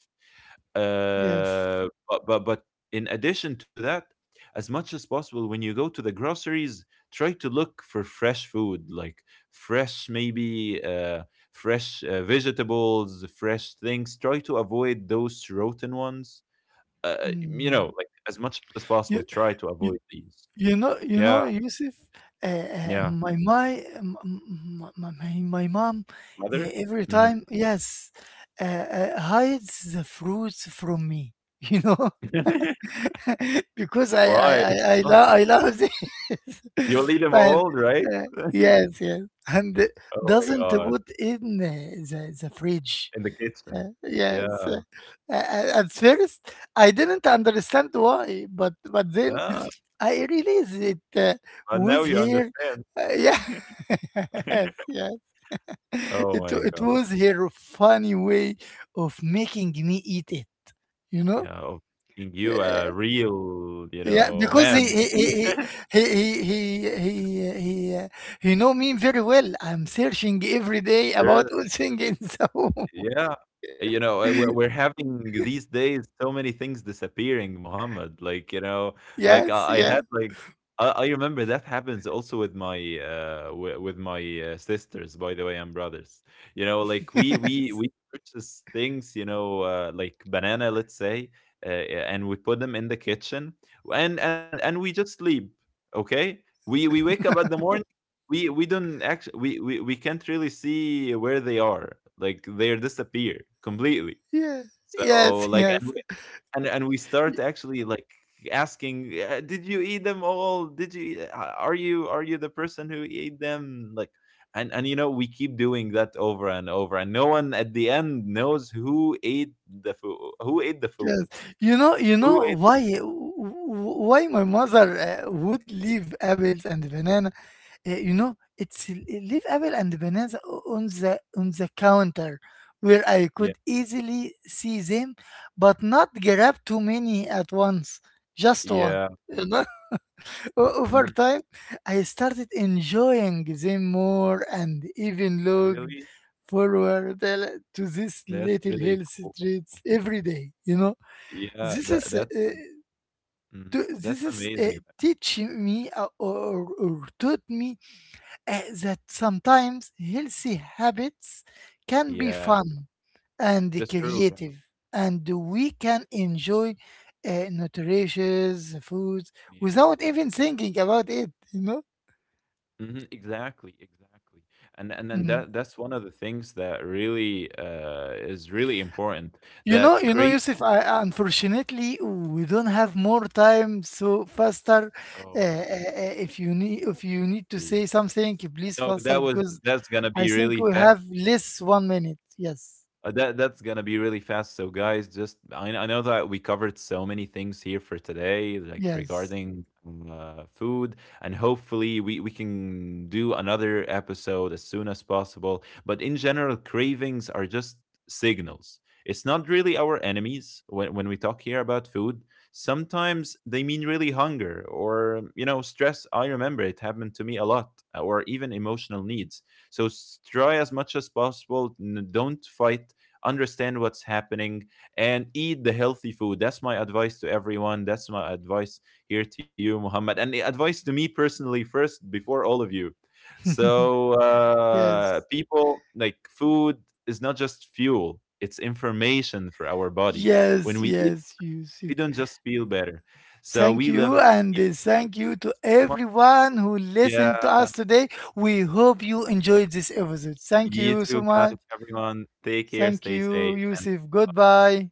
[SPEAKER 1] Yes.
[SPEAKER 2] But in addition to that, as much as possible, when you go to the groceries, try to look for fresh food, like fresh maybe fresh vegetables, fresh things. Try to avoid those rotten ones. You
[SPEAKER 1] Mm.
[SPEAKER 2] know, like as much as possible,
[SPEAKER 1] You,
[SPEAKER 2] try to avoid
[SPEAKER 1] you
[SPEAKER 2] these.
[SPEAKER 1] you
[SPEAKER 2] Yeah,
[SPEAKER 1] know, Yusuf,
[SPEAKER 2] yeah.
[SPEAKER 1] my my m- m- m- my mom,
[SPEAKER 2] Mother.
[SPEAKER 1] every
[SPEAKER 2] Hmm.
[SPEAKER 1] time, yes, hides the fruits from me. You know, because
[SPEAKER 2] Why? Why?
[SPEAKER 1] I love this,
[SPEAKER 2] You'll eat them
[SPEAKER 1] but
[SPEAKER 2] all, right? Oh
[SPEAKER 1] Yes, yes, and
[SPEAKER 2] my
[SPEAKER 1] doesn't
[SPEAKER 2] god!
[SPEAKER 1] put in the fridge.
[SPEAKER 2] In the kitchen.
[SPEAKER 1] Yes.
[SPEAKER 2] Yeah.
[SPEAKER 1] At first, I didn't understand why, but then
[SPEAKER 2] Ah.
[SPEAKER 1] I realized it
[SPEAKER 2] Now
[SPEAKER 1] was
[SPEAKER 2] you
[SPEAKER 1] here.
[SPEAKER 2] understand.
[SPEAKER 1] Yeah. Yes, yes.
[SPEAKER 2] Oh
[SPEAKER 1] It
[SPEAKER 2] my
[SPEAKER 1] it
[SPEAKER 2] god.
[SPEAKER 1] was her funny way of making me eat it. You know.
[SPEAKER 2] Yeah, of being you a
[SPEAKER 1] Uh,
[SPEAKER 2] real, you
[SPEAKER 1] yeah,
[SPEAKER 2] know,
[SPEAKER 1] because
[SPEAKER 2] man.
[SPEAKER 1] he he he he he he, he, uh, he know me very well. I'm searching every day about
[SPEAKER 2] Sure.
[SPEAKER 1] all things in the home.
[SPEAKER 2] Yeah. You know, we're having these days so many things disappearing, Muhammad.
[SPEAKER 1] Yes,
[SPEAKER 2] Like, you
[SPEAKER 1] yes.
[SPEAKER 2] know, like I had like I remember that happens also with my with my sisters, by the way, and brothers. You know, like we we we purchase things, you know, like banana, let's say, and we put them in the kitchen, and we just sleep. Okay, we wake up at the morning, we don't actually we can't really see where they are, like they disappear completely.
[SPEAKER 1] Yes, yes,
[SPEAKER 2] So like
[SPEAKER 1] yes,
[SPEAKER 2] and we
[SPEAKER 1] y-
[SPEAKER 2] start actually like asking, did you eat them all, did you are you, are you the person who ate them, like" and you know we keep doing that over and over, and no one at the end knows who ate the food, who ate the food,
[SPEAKER 1] yes. You
[SPEAKER 2] who
[SPEAKER 1] know
[SPEAKER 2] ate
[SPEAKER 1] why why my mother would leave apples and banana. You know, it's leave apple and banana on the counter where I
[SPEAKER 2] yeah,
[SPEAKER 1] could easily see them, but not grab too many at once. Just one.
[SPEAKER 2] yeah.
[SPEAKER 1] Over
[SPEAKER 2] Mhm.
[SPEAKER 1] time, I started enjoying them more and even looked
[SPEAKER 2] Really,
[SPEAKER 1] forward to these
[SPEAKER 2] that's
[SPEAKER 1] little
[SPEAKER 2] really
[SPEAKER 1] hill
[SPEAKER 2] cool.
[SPEAKER 1] streets every day. You know,
[SPEAKER 2] Yeah,
[SPEAKER 1] this
[SPEAKER 2] that
[SPEAKER 1] is uh,
[SPEAKER 2] that's
[SPEAKER 1] uh,
[SPEAKER 2] mhm.
[SPEAKER 1] this
[SPEAKER 2] That's
[SPEAKER 1] is
[SPEAKER 2] amazing.
[SPEAKER 1] teaching me, or, taught me, that sometimes healthy habits can be
[SPEAKER 2] Yeah,
[SPEAKER 1] fun and
[SPEAKER 2] that's true. Yeah,
[SPEAKER 1] creative, and we can enjoy nutritious foods
[SPEAKER 2] yeah.
[SPEAKER 1] without even thinking about it. You know.
[SPEAKER 2] Mhm, exactly, exactly. And then
[SPEAKER 1] Mm.
[SPEAKER 2] that that's one of the things that really is really important. That
[SPEAKER 1] You know,
[SPEAKER 2] create.
[SPEAKER 1] Yusuf, unfortunately, we don't have more time. So faster,
[SPEAKER 2] Oh,
[SPEAKER 1] if you need to
[SPEAKER 2] yeah.
[SPEAKER 1] say something, please
[SPEAKER 2] No,
[SPEAKER 1] faster,
[SPEAKER 2] that was
[SPEAKER 1] because
[SPEAKER 2] that's gonna
[SPEAKER 1] I
[SPEAKER 2] be
[SPEAKER 1] think
[SPEAKER 2] really
[SPEAKER 1] we
[SPEAKER 2] fast.
[SPEAKER 1] have less 1 minute. Yes,
[SPEAKER 2] That that's gonna be really fast. So guys, just I know that we covered so many things here for today, like
[SPEAKER 1] yes,
[SPEAKER 2] regarding food, and hopefully we can do another episode as soon as possible. But in general, cravings are just signals. It's not really our enemies when we talk here about food. Sometimes they mean really hunger or you know stress. I remember it happened to me a lot, or even emotional needs. So try as much as possible. Don't fight, understand what's happening, and eat the healthy food. That's my advice to everyone, that's my advice here to you Muhammad, and the advice to me personally first before all of you. So
[SPEAKER 1] yes,
[SPEAKER 2] people, like food is not just fuel, it's information for our body.
[SPEAKER 1] yes,
[SPEAKER 2] When we eat,
[SPEAKER 1] yes, Yusuf.
[SPEAKER 2] we don't just feel better, so
[SPEAKER 1] Thank
[SPEAKER 2] we
[SPEAKER 1] you,
[SPEAKER 2] live
[SPEAKER 1] and thank you to
[SPEAKER 2] so much.
[SPEAKER 1] everyone who listened to
[SPEAKER 2] Yeah,
[SPEAKER 1] us today. We hope you enjoyed this episode. Thank
[SPEAKER 2] you
[SPEAKER 1] you so
[SPEAKER 2] too, guys.
[SPEAKER 1] much.
[SPEAKER 2] Everyone, take care,
[SPEAKER 1] Thank
[SPEAKER 2] stay
[SPEAKER 1] you,
[SPEAKER 2] safe, and
[SPEAKER 1] Yusuf.
[SPEAKER 2] bye.
[SPEAKER 1] Goodbye.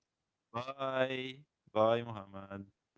[SPEAKER 2] Bye. Bye, Muhammad.